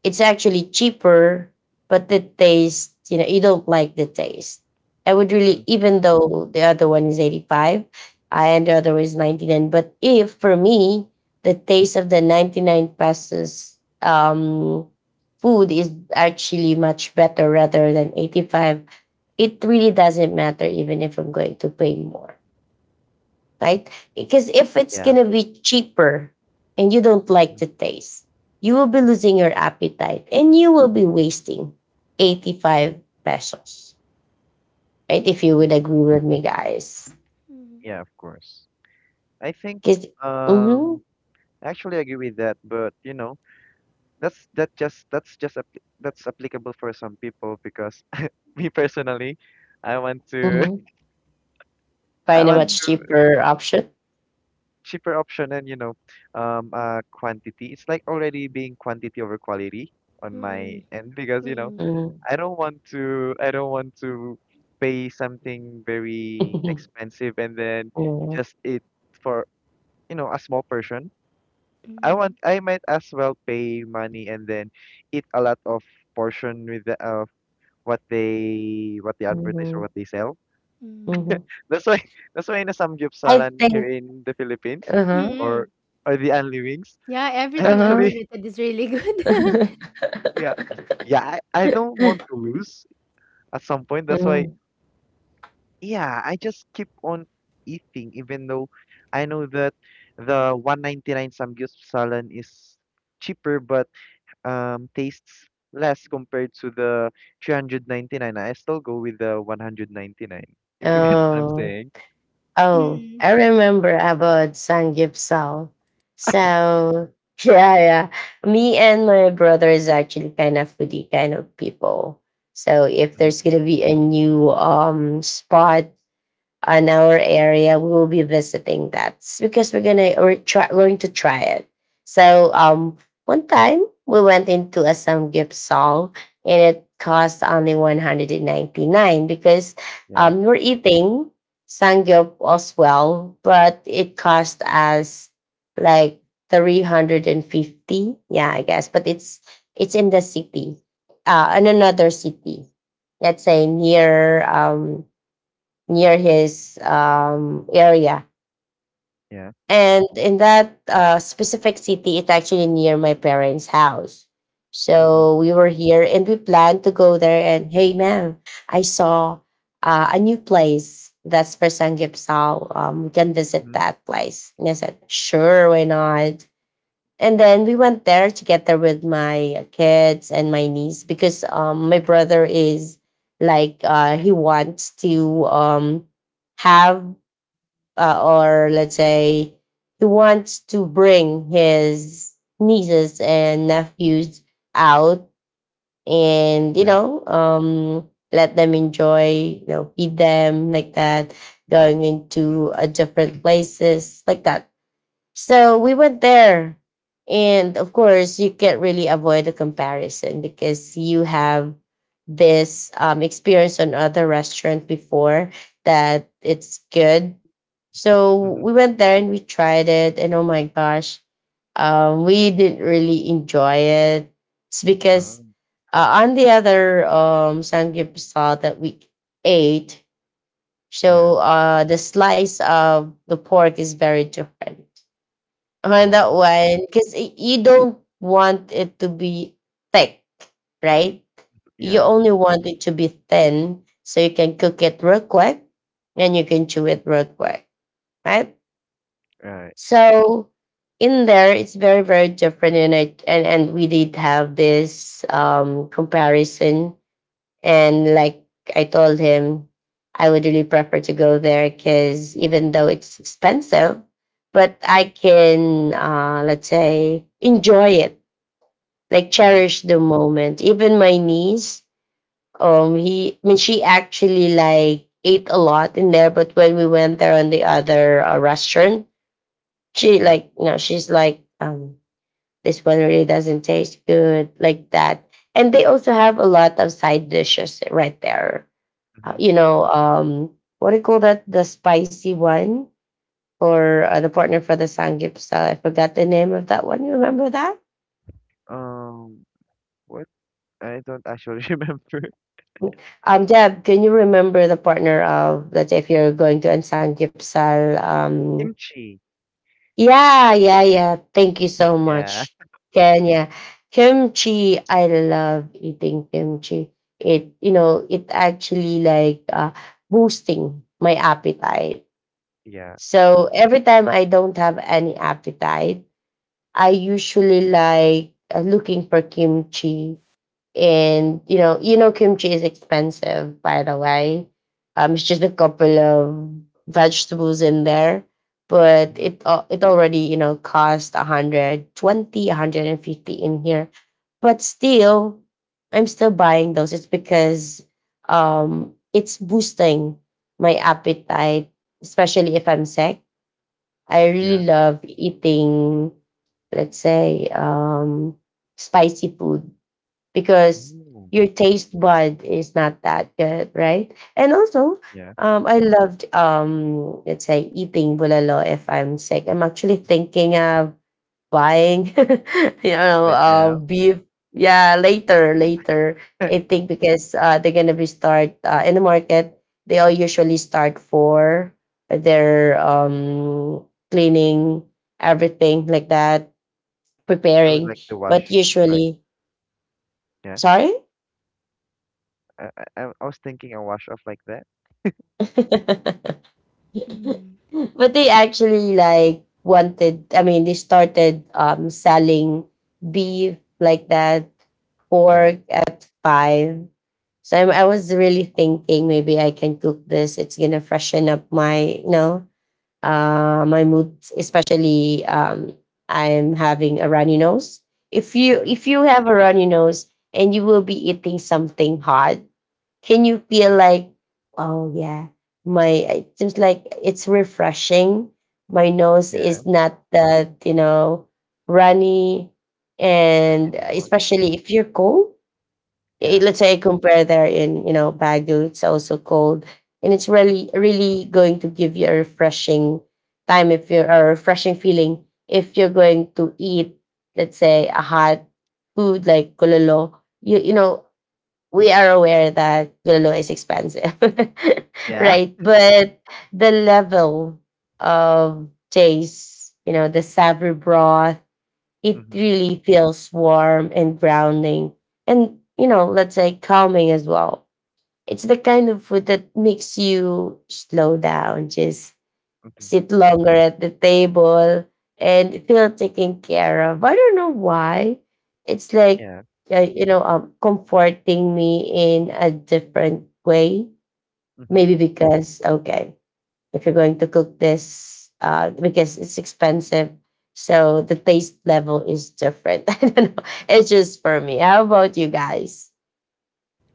B: It's actually cheaper, but the taste, you know, you don't like the taste. I would really,
C: Mm-hmm.
B: even though the other one is 85, I, and the other is 99, but if for me, the taste of the 99 pesos um, food is actually much better rather than 85, it really doesn't matter even if I'm going to pay more, right? Because if it's
C: Yeah.
B: going to be cheaper and you don't like the taste, you will be losing your appetite and you will be wasting 85 pesos, right? If you
C: Mm-hmm.
B: would agree with me, guys.
A: Mm-hmm.
C: Yeah, of course. I think
B: Because,
C: um
B: mm-hmm,
C: I actually agree with that, but you know, that's just that's applicable for some people because me personally, I want to
B: mm-hmm.
C: (laughs) I
B: Find a
C: want
B: much
C: to
B: cheaper option.
C: cheaper option and you know, quantity. It's like already being quantity over quality on
A: Mm-hmm.
C: my
A: Mm-hmm.
C: end because you know
A: Mm-hmm.
B: Mm-hmm.
C: I don't want to pay something very
B: (laughs)
C: expensive and then
B: Yeah.
C: just it for you know a small portion. I want
A: Mm-hmm.
C: I might as well pay money and then eat a lot of portion with the of what they advertise or
B: hmm
C: what they sell.
A: Mm-hmm.
B: hmm
C: That's why (laughs) that's why in a
B: I
C: samgyupsalan here
B: think,
C: in the Philippines
B: uh huh,
A: Mm-hmm.
C: or or the Anli Wings,
A: Yeah,
C: I
B: uh
A: everything
B: huh.
C: actually
A: unlimited is really good. (laughs)
C: (laughs) yeah.
B: (laughs)
C: Yeah, I don't want to lose at some point. That's why
B: Mhm.
C: yeah, I just keep on eating even though I know that the 199 samgyupsalan is cheaper but tastes less compared to the 399. I still go with the 199. If you get (laughs) what I'm
B: Oh,
C: saying.
B: oh,
A: Mm.
B: I remember about Sangyupsal. So (laughs) yeah, yeah. Me and my brother is actually kind of foodie kind of people. So if
C: Mhm.
B: there's gonna be a new spot on our area, we will be visiting that. It's because we're gonna going to try it. So one time we went into a Sam song, and it cost only 199 because
C: Yeah,
B: we're eating samgyeop as well, but it cost us like 350. Yeah, I guess, but it's in the city, in another city. Let's say near near his area.
C: yeah.
B: And in that specific city, it's actually near my parents' house.
C: Mm-hmm,
B: So we were here and we planned to go there. And hey, man, I saw a new place that's for Sanggipsal. We can visit
C: mm-hmm,
B: that place. And I said, sure, why not? And then we went there together with my kids and my niece because my brother is like he wants to have or let's say he wants to bring his nieces and nephews out and
C: yeah.
B: let them enjoy, feed them like that, going into different places like that. So we went there. And of course, you can't really avoid the comparison because you have this experience on other restaurant before that it's good. So
C: Mm-hmm.
B: we went there and we tried it. And oh my gosh, we didn't really enjoy it. It's because
C: Oh,
B: on the other samgyeopsal that we ate,
C: yeah.
B: so the slice of the pork is very different on that
C: Oh,
B: one because you don't want it to be thick, right? You
C: yeah.
B: only want it to be thin so you can cook it real quick and you can chew it real quick, right?
C: Right.
B: So in there, it's very very different. And and we did have this comparison. And like I told him, I would really prefer to go there because even though it's expensive, but I can, let's say, enjoy it, like
C: Mm-hmm.
B: cherish the moment. Even my niece, he, I mean, she actually like ate a lot in there. But when we went there on the other restaurant, she
C: Yeah.
B: like, she's like, this one really doesn't taste good, like that. And they also have a lot of side dishes right there. uh,
C: Mm-hmm.
B: you know, um, what do you call that? The spicy one for the partner for the Sanggipsal. I forgot the name of that one. You remember that?
C: Um, what? I don't actually (laughs) remember.
B: Deb, can you remember the partner of that if you're going to an Sanggipsal?
C: Kimchi.
B: Yeah, yeah, yeah. Thank you so
C: Yeah.
B: much, Kenya. Kimchi, I love eating kimchi. It actually like boosting my appetite.
C: Yeah.
B: So every time I don't have any appetite, I usually like looking for kimchi. And kimchi is expensive, by the way. It's just a couple of vegetables in there, but
C: Mm-hmm.
B: it already cost 120, 150 in here. But still, I'm still buying those. It's because it's boosting my appetite, especially if I'm sick. I
C: Yeah.
B: really love eating, let's say, spicy food, because
C: Oh,
B: your taste bud is not that good, right? And also,
C: yeah.
B: I loved, let's say, eating bulalo if I'm sick. I'm actually thinking of buying (laughs)
C: Right now.
B: beef, yeah, later later.
C: (laughs) I
B: I think because they're gonna be start in the market. They all usually start for their cleaning, everything like that,
C: would
B: preparing.
C: like to
B: But
C: wash. Like,
B: usually,
C: yeah.
B: sorry.
C: I, I was thinking a wash off like that.
B: (laughs)
A: Mm.
B: (laughs) But they actually like wanted, I mean, they started selling beef like that,
C: Yeah.
B: pork at five. I was really thinking maybe I can cook this. It's gonna freshen up my you know my mood, especially I'm having a runny nose. if you
C: Mm-hmm.
B: if you have a runny nose and you will be eating something hot, can you
C: Mm-hmm.
B: feel like, oh yeah, my it seems like it's refreshing. My nose
C: Yeah.
B: is not that runny,
C: Not
B: and
C: anymore.
B: especially if you're cold.
C: Yeah.
B: Let's say I compare there in Baguio, it's also cold, and it's really really going to give you a refreshing time, if you're a refreshing feeling, if you're going to eat, let's say, a hot food like kulalo. You you know we are aware that Lulu is expensive, (laughs)
C: Yeah.
B: right?
C: (laughs)
B: But the level of taste, you know, the savory broth, it
C: Mm-hmm.
B: really feels warm and grounding, and, you know, let's say calming as well. It's the kind of food that makes you slow down, just
C: Okay.
B: sit longer at the table and feel taken care of. I don't know why. It's like,
C: Yeah.
B: comforting me in a different way.
C: Mm-hmm.
B: Maybe because, okay, if you're going to cook this, because it's expensive. So the taste level is different. (laughs) I don't know. It's just for me. How about you guys?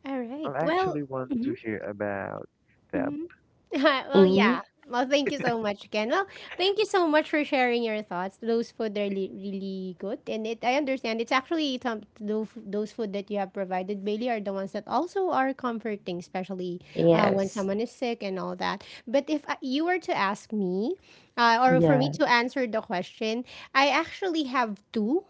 A: All right.
C: I actually
A: Well,
C: want to
A: mhm,
C: hear about Feb.
A: mhm. (laughs) Well,
B: Hmm.
A: yeah. Well, thank you so much Ken. Well, thank you so much for sharing your thoughts. Those food are really, really good, and it I understand it's actually those food that you have provided, Bailey, are the ones that also are comforting, especially when
B: Yes.
A: someone is sick and all that. But if I- you were to ask me, or for me
B: Yeah.
A: to answer the question, I actually have two.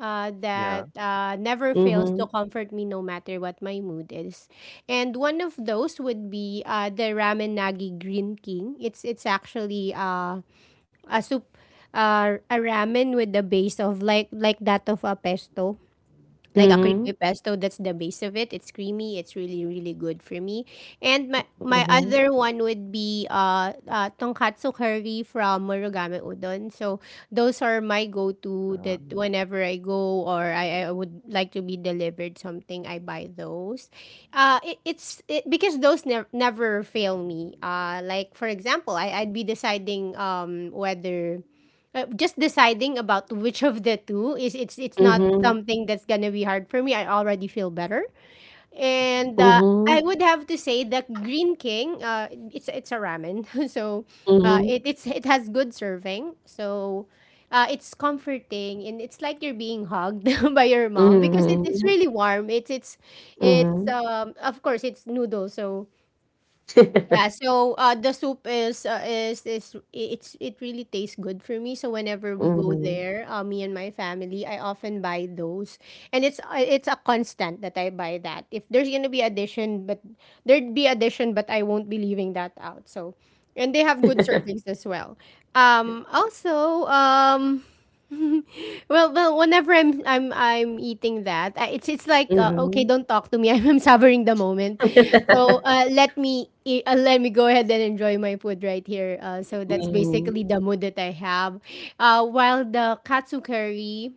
C: Yeah.
A: That never fails to
B: Mm-hmm.
A: comfort me no matter what my mood is. And one of those would be the Ramen Nagi Green King. It's actually a soup, a ramen with the base of like that of a pesto, like a
C: Mm-hmm.
A: creamy
B: Mm-hmm.
A: pesto. That's the base of It's creamy, it's really, really good for me. And my
B: Mm-hmm.
A: other one would be tonkatsu curry from Murugame Udon. So those are my go-to, that
C: Um,
A: whenever I go, or I would like to be delivered something, I buy those. Because those never never fail me, like, for example, I'd be deciding whether, just deciding about which of the two is it's not
B: Mm-hmm.
A: something that's gonna be hard for me. I already feel better,
C: mm-hmm.
A: and I
B: Mm-hmm.
A: would have to say that Green King, it's a ramen, (laughs) so
B: Mm-hmm.
A: it has good serving, so. It's comforting and it's like you're being hugged (laughs) by your mom, because it's
B: Mhm,
A: really warm. It's
B: mhm.
A: Of course it's noodle, so yeah.
B: (laughs)
A: So the soup is I- it's it really tastes good for me. So whenever we go
B: Mhm.
A: there, me and my family, I often buy those, and it's a constant that I buy that. If there's gonna be addition, but there'd be addition, but I won't be leaving that out. So, and they have good
B: (laughs)
A: servings as well. Also. (laughs) Well, whenever I'm eating that, it's like
C: Yeah.
A: okay,
B: Mhm.
A: don't talk to me. (laughs) I'm savoring the moment. So
B: (laughs)
A: let me let me go ahead and enjoy my food right here. So that's
B: Mhm,
A: basically the mood that I have. While the katsu curry,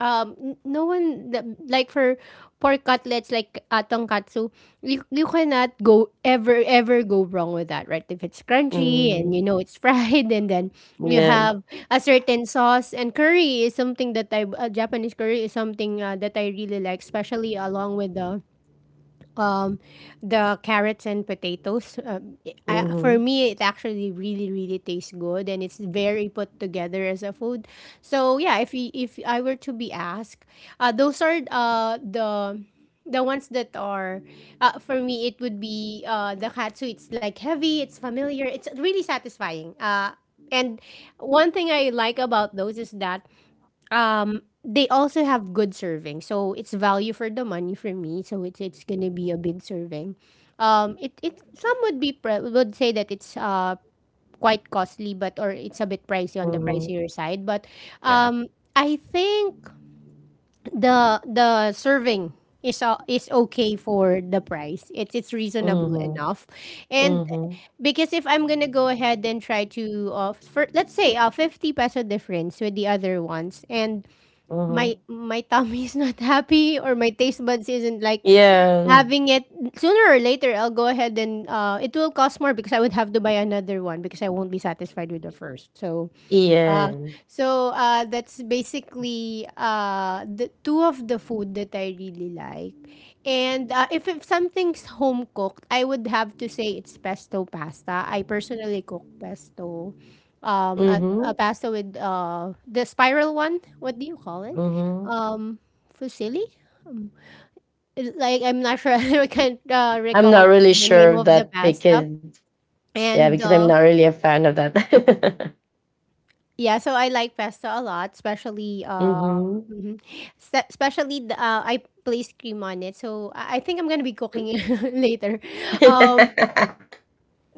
A: um no one like for pork cutlets like tonkatsu, you cannot go ever ever go wrong with that, right? If it's crunchy and
B: mhm.
A: you know it's (laughs) fried and then you
B: Yeah.
A: have a certain sauce. And curry is something that I Japanese curry is something that I really like, especially along with um, the carrots and potatoes. For
B: Mhm,
A: me, it actually really, really tastes good, and it's very put together as a food. So yeah, if I were to be asked, those are the ones that are, for me it would be the katsu. It's like heavy, it's familiar, it's really satisfying, and one thing I like about those is that they also have good serving, so it's value for the money for me. So it's gonna be a big serving. It some would be would say that it's quite costly, but or it's a bit pricey on the
C: Mm-hmm,
B: mhm,
A: pricier side. But
C: yeah.
A: um, I think the serving is okay for the price. It's reasonable
C: Mhm,
B: mhm,
A: enough, and
B: mhm,
A: because if I'm gonna go ahead and try to for let's say a 50 peso difference with the other ones and
B: mhm.
A: my tummy is not happy or my taste buds isn't like
B: Yeah,
A: having it. Sooner or later I'll go ahead and it will cost more because I would have to buy another one because I won't be satisfied with the first. So
B: yeah.
A: uh, that's basically the two of the food that I really like. And if something's home cooked, I would have to say it's pesto pasta. I personally cook pesto, a
B: Mhm,
A: pasta with the spiral one. What do you call it?
C: mhm.
B: mhm.
A: Um, fusilli. Um, like I'm not sure. (laughs) I can't
B: I'm not
A: recall
B: really
A: what's the
B: sure
A: name
B: of
A: of the
B: that,
A: pasta.
B: because yeah,
A: And
B: because I'm not really a fan of that. (laughs)
A: Yeah, so I like pesto a lot, especially,
B: Mhm.
A: mhm. Especially the, I place cream on it. So I think I'm gonna be cooking it (laughs) later. Um,
B: (laughs)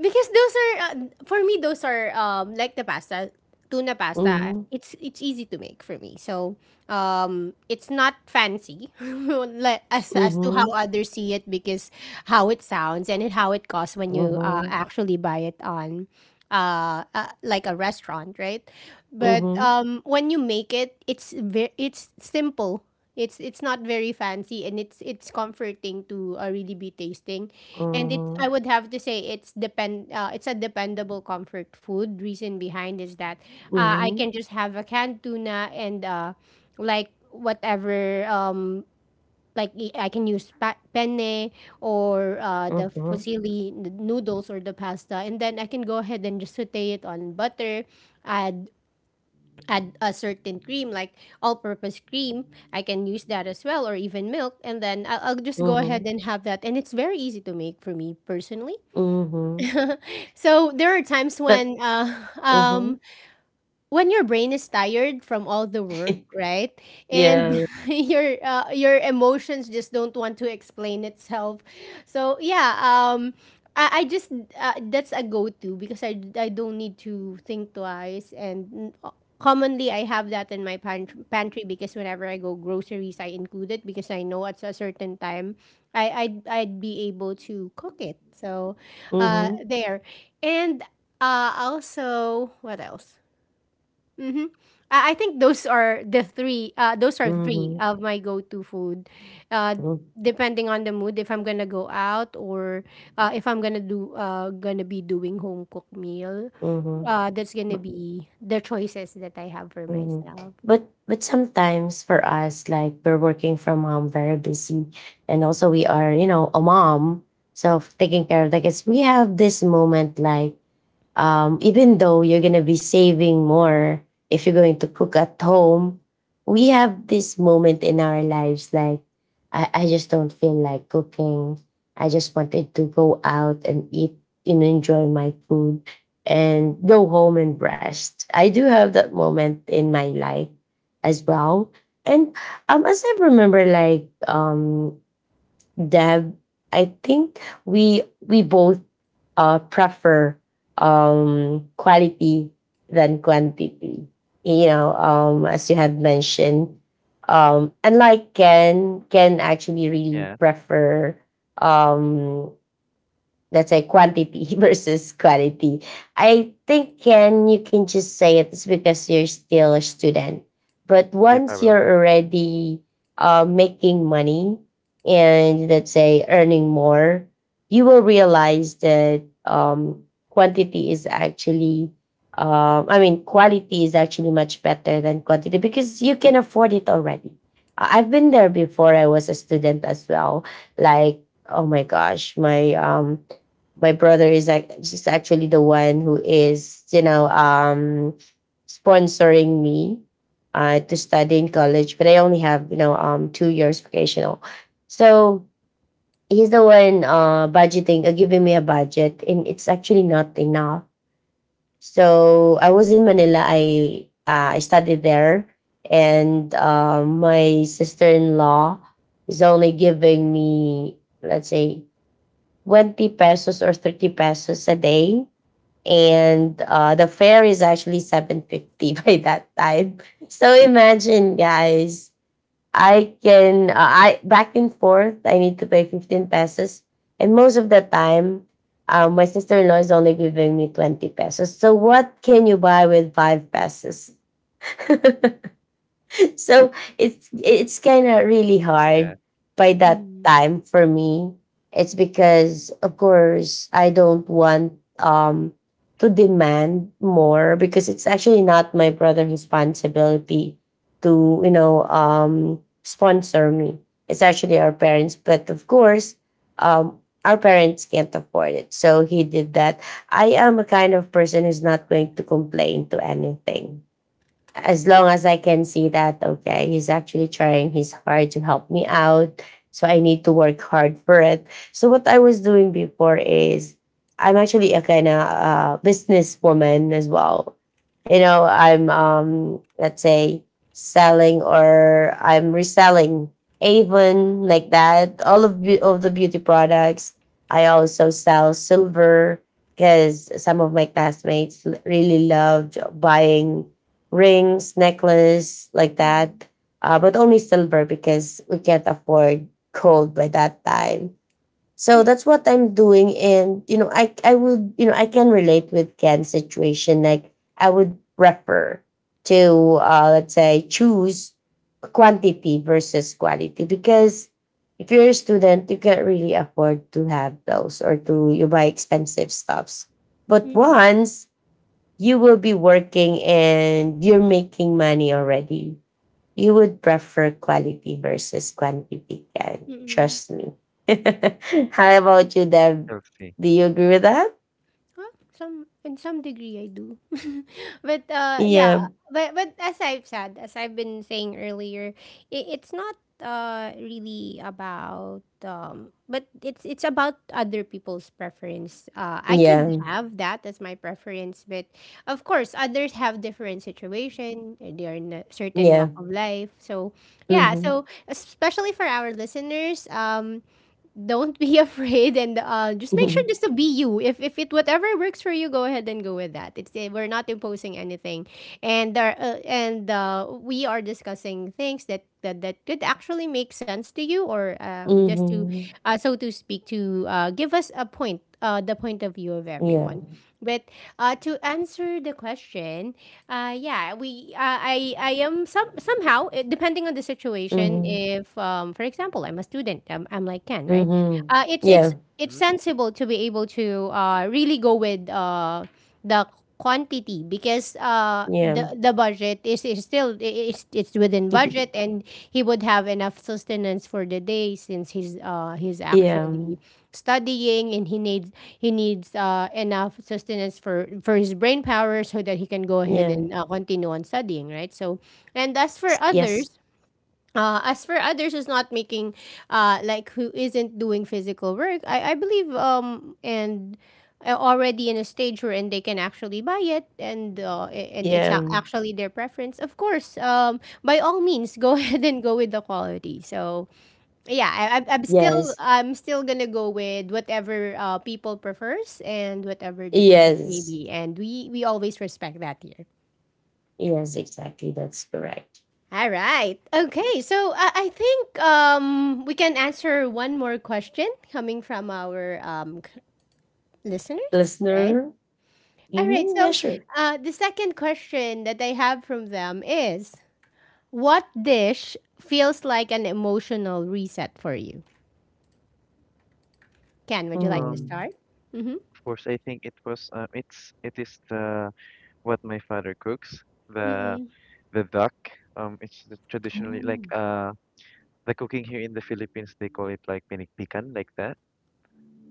A: because those are for me those are like the pasta, tuna pasta.
B: Mhm,
A: It's easy to make for me. So, it's not fancy, (laughs) like as to how
B: mhm,
A: others see it, because how it sounds and how it costs when you
B: mhm,
A: actually buy it on like a restaurant, right? But
B: mhm,
A: when you make it, it's very it's simple, it's not very fancy, and it's comforting to really be tasting, and it I
B: mhm,
A: would have to say it's depend it's a dependable comfort food. Reason behind is that I
B: mhm,
A: can just have a canned tuna and like whatever, like I can use penne or the
B: mhm. (laughs)
A: fusilli noodles or the pasta, and then I can go ahead and just saute it on butter, add add a certain cream like all-purpose cream. I can use that as well, or even milk, and then I'll just go ahead
B: Mhm,
A: and have that, and it's very easy to make for me personally.
B: mhm,
A: So there are times
B: but
A: when, (laughs)
B: mhm.
A: um, when your brain is tired from all the work,
B: (laughs)
A: right?
B: Yeah,
A: And
C: Yeah,
B: yeah.
A: (laughs) your emotions just don't want to explain itself. So yeah, I just, that's a go to, because I don't need to think twice. And. Commonly, I have that in my pantry, because whenever I go groceries, I include it because I know at a certain time, I I'd be able to cook it. So,
B: Mhm,
A: there, and also, what else? Mm-hmm. I think those are the three. Those are three
B: mhm,
A: of my go-to food. Uh,
B: mhm,
A: depending on the mood, if I'm gonna go out, or if I'm gonna do gonna be doing home cooked meal,
B: mhm,
A: that's gonna be the choices that I have for
B: mhm.
A: myself.
B: But sometimes for us, like, we're working from home, very busy. And also we are, you know, a mom, so taking care of the kids. We have this moment like, even though you're going to be saving more if you're going to cook at home, we have this moment in our lives like, I just don't feel like cooking. I just wanted to go out and eat and enjoy my food and go home and rest. I do have that moment in my life as well. And as I remember, like, Deb, I think we both prefer quality than quantity. You know, as you have mentioned. And like Ken actually really
C: yeah.
B: prefer um let's say quantity (laughs) versus quality. I think, Ken, you can just say it's because you're still a student. But
C: Yeah,
B: once you're
C: probably.
B: already making money and, let's say, earning more, you will realize that quantity is actually, I mean, quality is actually much better than quantity, because you can afford it already. I've been there before. I was a student as well. Like, oh my gosh, my brother is like is actually the one who is sponsoring me to study in college. But I only have 2 years vocational. So he's the one budgeting, giving me a budget, and it's actually not enough. So I was in Manila. I studied there. And my sister-in-law is only giving me, let's say, 20 pesos or 30 pesos a day. And the fare is actually 750 (laughs) by that time. So imagine, guys, I can, I back and forth, I need to pay 15 pesos. And most of the time, my sister-in-law is only giving me 20 pesos, so what can you buy with 5 pesos? (laughs) (laughs) So it's kind of really hard
C: Yeah,
B: by that
A: Mm-hmm.
B: time for me. It's because, of course, I don't want to demand more, because it's actually not my brother's responsibility to sponsor me. It's actually our parents, but of course, um our parents can't afford it. So he did that. I am a kind of person who's not going to complain to anything as long as I can see that, okay, he's actually trying his hard to help me out. So I need to work hard for it. So what I was doing before is I'm actually a kind of businesswoman as well. You know, I'm let's say selling, or I'm reselling Avon, like that. All of of the beauty products. I also sell silver, because some of my classmates really loved buying rings, necklace, like that. But only silver, because we can't afford gold by that time. So that's what I'm doing. And, you know, I can relate with Ken's situation. Like, I would prefer to, let's say, choose quantity versus quality, because if you're a student, you can't really afford to have those or to you buy expensive stuffs. But once you will be working and you're making money already, you would prefer quality versus quantity. Ken,
A: Mm-hmm.
B: trust me. (laughs) How about you, Deb?
C: healthy.
B: Do you agree with that?
A: Well, some in some degree I do. (laughs) but yeah,
B: Yeah.
A: but as I've said, as I've been saying earlier, it, it's not really about, but it's about other people's preference. I could
B: Yeah.
A: have that as my preference, but of course others have different situation. They are in a certain
B: Yeah.
A: walk of life. So yeah,
B: Mm-hmm.
A: so especially for our listeners, don't be (laughs) afraid, and just make sure
B: (laughs)
A: just to be you. If it whatever works for you, go ahead and go with that. It's we're not imposing anything, and there and we are discussing things that, that could actually make sense to you, or just to
B: Mm-hmm.
A: so to speak, to give us a point the point of view of
B: Yeah.
A: everyone. But to answer the question, yeah we I am somehow, depending on the situation.
B: Mm-hmm.
A: If for example I'm a I'm like ken, right?
B: Mm-hmm.
A: uh, it's it's
B: Yeah.
A: it's
C: Mhm.
A: sensible to be able to really go with, the quantity, because
B: Yeah.
A: the budget is still it's within budget,
B: (laughs)
A: and he would have enough sustenance for the day, since he's
B: yeah.
A: actually studying, and he needs enough sustenance for his brain power, so that he can go ahead
B: Yeah.
A: and continue on studying, right? So and as for
B: Yes.
A: others, as for others who's not making, like who isn't doing physical work, I believe, and already in a stage wherein they can actually buy it, and and it's
B: Yeah.
A: ac- actually their preference. Of course, by all means, go (laughs) ahead and go with the quality. So yeah, I'm still
B: Yes.
A: gonna go with whatever, people prefers and whatever their choice may
B: Yes.
A: be, and we always respect that here.
B: Yes, exactly. That's correct.
A: All right. Okay. So I think, we can answer one more question coming from our, listeners, right?
B: Listener?
A: All right.
B: Mm-hmm, yeah,
A: So
B: sure.
A: the second question that I have from them is, what dish feels like an emotional reset for you? Ken, would you like to
C: Um,
B: Mm.
A: start? Mm-hmm.
C: of course, I think it was, it is what my father cooks,
A: Mm-mm.
C: the duck. It's the traditionally
A: Oh.
C: like, the cooking here in the Philippines, they call it like pinikpikan, like that.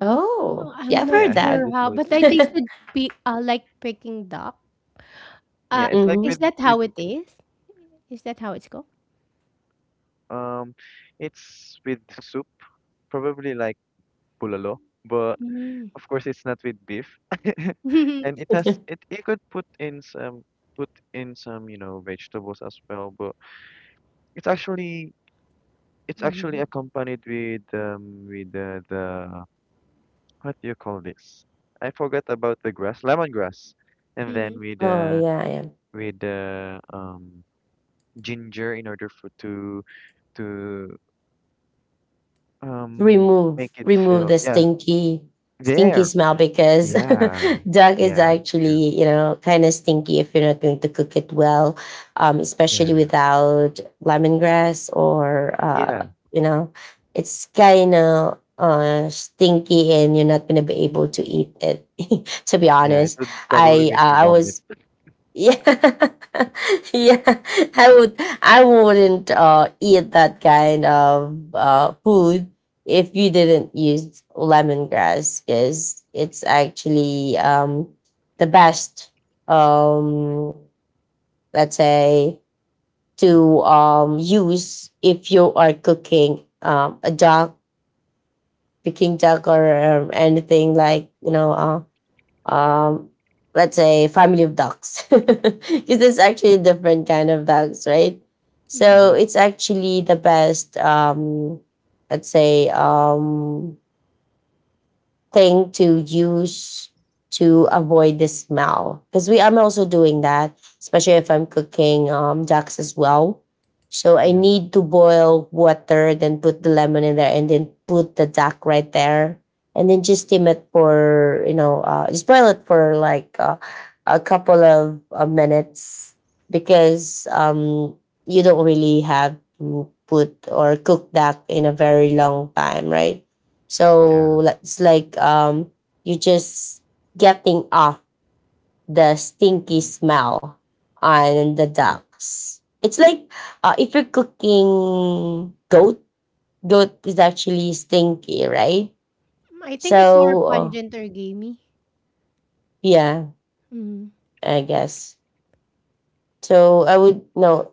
B: Oh,
A: Oh,
B: yeah,
A: I'm
B: I've
A: not
B: heard
C: Yeah, here in
A: sure
B: that.
C: the
A: how, but I
C: Philippines.
B: (laughs)
A: tasted like Peking duck.
C: Yeah,
A: Uh,
C: it's like
A: is
B: Hmm.
A: that
C: with,
A: how it is? Is that how it's called?
C: um, it's with soup, probably like bulalo, but
A: Mm.
C: of course, it's not with beef. (laughs) And
A: (laughs)
C: it has it you could put in some you know, vegetables as well, but it's actually it's actually
A: Mhm.
C: accompanied with the what do you call this? I forgot about the grass, lemongrass. And then
A: Mm,
B: Oh, yeah, yeah.
C: with the ginger in order for to to
B: remove
C: make it
B: remove
C: feel
B: the
C: yeah,
B: stinky stinky
C: there.
B: smell, because
C: Yeah.
B: (laughs) duck is
C: Yeah, true.
B: actually, kind of stinky if you're not going to cook it well. Especially
C: Yeah.
B: without lemongrass, or
C: Yeah.
B: you know, it's kind of stinky, and you're not going to be able to eat it (laughs) to be
C: Yeah, it
B: honest.
C: would probably
B: i
C: make you
B: uh, i
C: vomit.
B: was, yeah, (laughs) yeah. I would. I wouldn't eat that kind of food if you didn't use lemongrass, because it's actually the best. Um, let's say,
C: Mhm,
B: to use, if you are cooking a duck, cooking duck, or anything like, you know, um let's say, family of ducks (laughs) because it's actually a different kind of ducks, right? So
C: mhm,
A: mm.
B: it's actually the best let's say thing to use to avoid the smell. Because we I'm also doing
C: mm,
B: that, especially if I'm cooking ducks as well. So I
C: yeah,
B: need to boil water, then put the lemon in there, and then put the duck right there, and then just steam it for, you know, just boil it for like a couple of minutes, because you don't really have to put or cook duck in a very long time, right? So,
C: yeah,
B: like, it's like you are just getting off the stinky
C: mhm,
B: smell on the
C: sure.
B: ducks. It's like, if you're cooking goat, goat is actually stinky, right?
A: I think it's more
B: So
A: pungent or gamey.
B: yeah,
A: Mm,
B: I guess. So I would, no,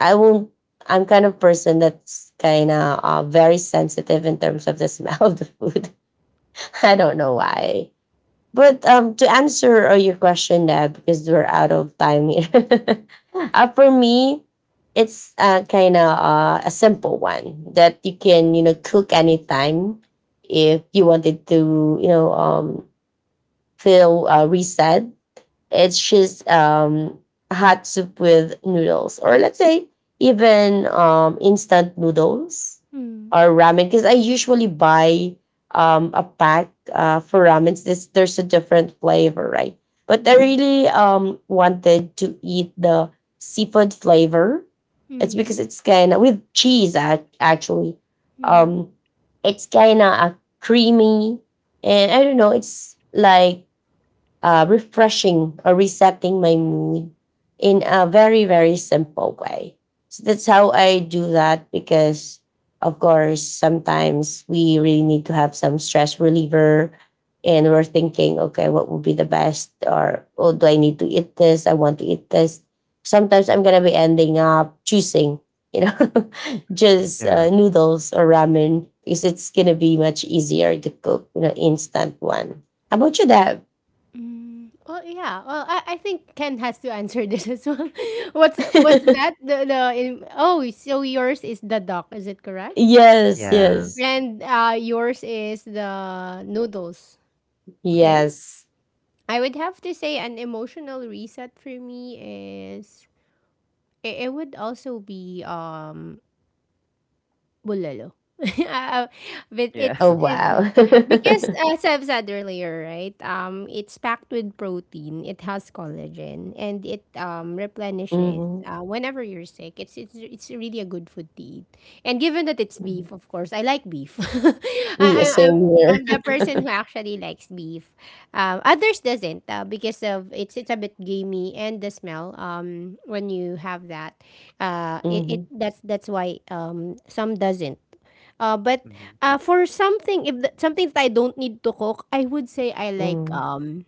B: I won't. I'm kind of person that's kind of very sensitive in terms of the smell (laughs) of the food. I don't know why. But to answer your question, Dad, because we're out of time here. (laughs) For me, it's kind of a simple one that you can, you know, cook anytime if you wanted to, you know, feel reset. It's just hot soup with noodles, or let's say even instant noodles
A: mm,
B: or ramen. Because I usually buy a pack for ramen. This there's a different flavor, right? But I
A: mm,
B: really wanted to eat the seafood flavor. It's because
A: mm,
B: it's kind of with cheese actually.
A: mm,
B: Um, it's kind of creamy, and I don't know. It's like refreshing or resetting my mood in a very, very simple way. So that's how I do that, because of course sometimes we really need to have some stress reliever, and we're thinking, okay, what would be the best? Or, oh, do I need to eat this? I want to eat this. Sometimes I'm going to be ending up choosing, you know, (laughs) just
C: Yeah,
B: noodles or ramen, because it's going to be much easier to cook, you know, instant one. How about you, Deb?
A: mm. Well, yeah. Well, I think Ken has to answer (laughs) this as well. (laughs) What's that?
B: (laughs)
A: Oh, so yours is the duck, is it correct?
B: Yes,
C: yeah,
B: yes,
A: And yours is the noodles,
C: mhm,
A: right?
B: yes.
A: I would have to say an emotional reset for me is it, it would also be Bulalo. (laughs) Uh, but
C: yeah,
A: it's,
B: Oh, wow. (laughs)
A: because as I've said earlier, right? It's packed with protein. It has collagen, and it replenishes
B: Hmm.
A: whenever you're sick. It's really a good food to eat. And given that it's
B: Hmm.
A: beef, of course, I like beef. (laughs) I,
B: Yeah,
A: I I'm
B: same here.
A: I'm the person who actually likes beef. Others doesn't because of it's a bit gamey and the smell. When you have that, it
B: Hmm.
A: that's why some doesn't.
C: (laughs)
A: But
C: mhm,
A: for something if something that I don't need to cook, I would say I like,
B: Hmm.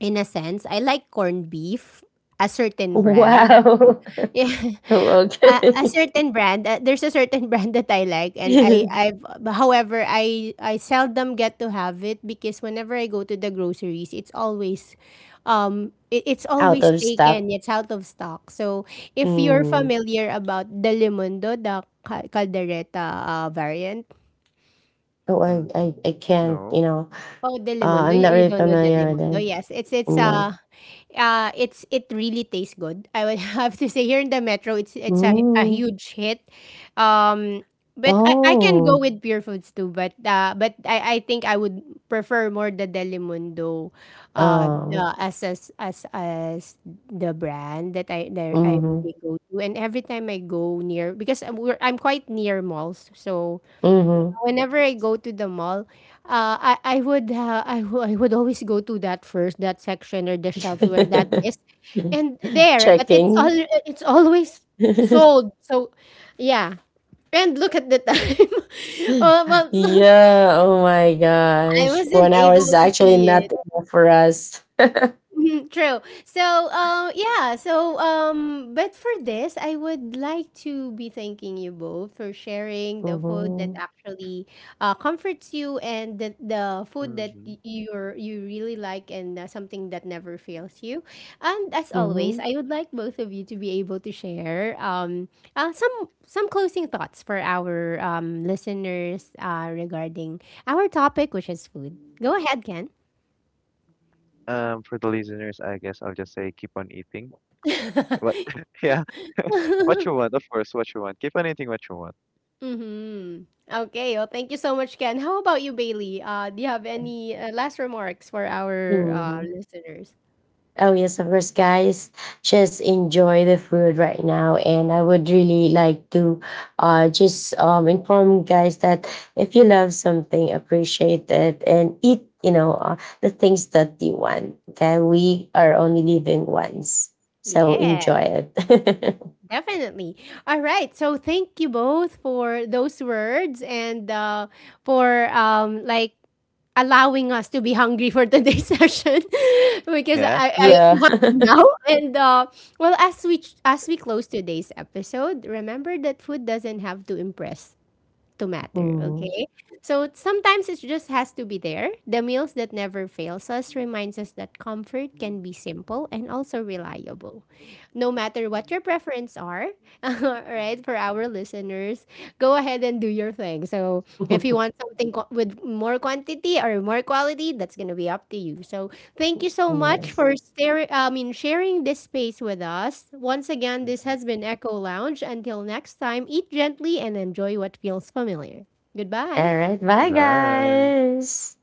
A: in a sense I like corned beef, a certain brand. (laughs)
B: Wow.
A: Yeah,
B: (laughs) Oh, okay.
A: A certain brand, there's a certain (laughs) brand that I like, and I
B: (laughs)
A: I've however, I seldom get to have it because whenever I go to the groceries, it's always, it it's
B: Out
A: always
B: of
A: taken,
B: stock.
A: it's out of stock. So, if you're
B: Mm.
A: familiar about the Mundo, the ca caldereta, variant?
B: Oh, I, I,
C: mhm.
B: I can't. You
C: No,
B: know,
A: Oh, Del Mundo,
B: I'm not
A: you
B: really
A: don't know Del
B: familiar with
A: Mundo?
B: it.
A: Yes,
B: No.
A: it's it really tastes good. I would (laughs) have to say here in the metro, it's a
B: Mm.
A: huge hit. Um, but I can go
B: Oh.
A: with pure foods too. But I think I would prefer more the Delimundo,
B: Oh.
A: as the brand that I
B: Mm-hmm.
A: really go to. And every time I go near, because I'm quite near malls, so
B: Mm-hmm.
A: whenever I go to the mall, I would I would always go to that first, that section or the shelves where that is, and
B: (laughs)
A: there. But it's all
B: Checking.
A: it's always
B: (laughs)
A: sold. So, yeah. And look at the time. (laughs)
B: (laughs)
A: Well, so
B: Yeah, oh my
A: I
B: gosh. One
A: wasn't
B: hour
A: able
B: is
A: to
B: actually
A: see it.
B: not enough for us.
A: Mhm, true. So, yeah. So, but for this, I would like to be thanking you both for sharing the food that
B: Mm-hmm.
A: actually comforts you, and the food that
C: mhm.
A: you're you really like, and something that never fails you. And as always,
B: Mm-hmm.
A: I would like both of you to be able to share, some closing thoughts for our listeners regarding our topic, which is food. Go ahead, Ken.
C: For the listeners, I guess I'll just say keep on eating. What?
A: (laughs)
C: (laughs) Yeah, (laughs) what you want, of course, what you want. Keep on eating what you want.
A: Mm-hmm. Okay. Well, thank you so much, Ken. How about you, Bailey? Do you have any last remarks for our
B: Mm-hmm.
A: listeners?
B: Oh yes, of course, guys. Just enjoy the food right now. And I would really like to just inform you guys that if you love something, appreciate it and eat, you know, the things that you want. Okay. We are only living once. So
A: Yes,
B: enjoy it.
A: definitely. All right. So thank you both for those words, and for like allowing us to be hungry for today's (laughs) session (laughs) because
C: Yeah.
B: (laughs)
A: I am
B: yeah.
A: hungry
B: (laughs)
A: now. And well, as we close today's episode, remember that food doesn't have to impress to
C: Mhm,
A: matter,
B: Mhm.
A: okay? So sometimes it just has to be there. The meals that never fails us reminds us that comfort can be
B: (laughs)
A: simple and also reliable. No matter what your preferences are, (laughs) all right, for our listeners, go ahead and do your thing. So, if you want something with more quantity or more quality, that's going to be up to you. So, thank you so much
B: yes.
A: for sharing this space with us. Once again, this
C: mhm.
A: has been Echo Lounge. Until next time, eat gently and enjoy what feels familiar. Goodbye.
B: All right. Bye,
C: Bye.
B: guys.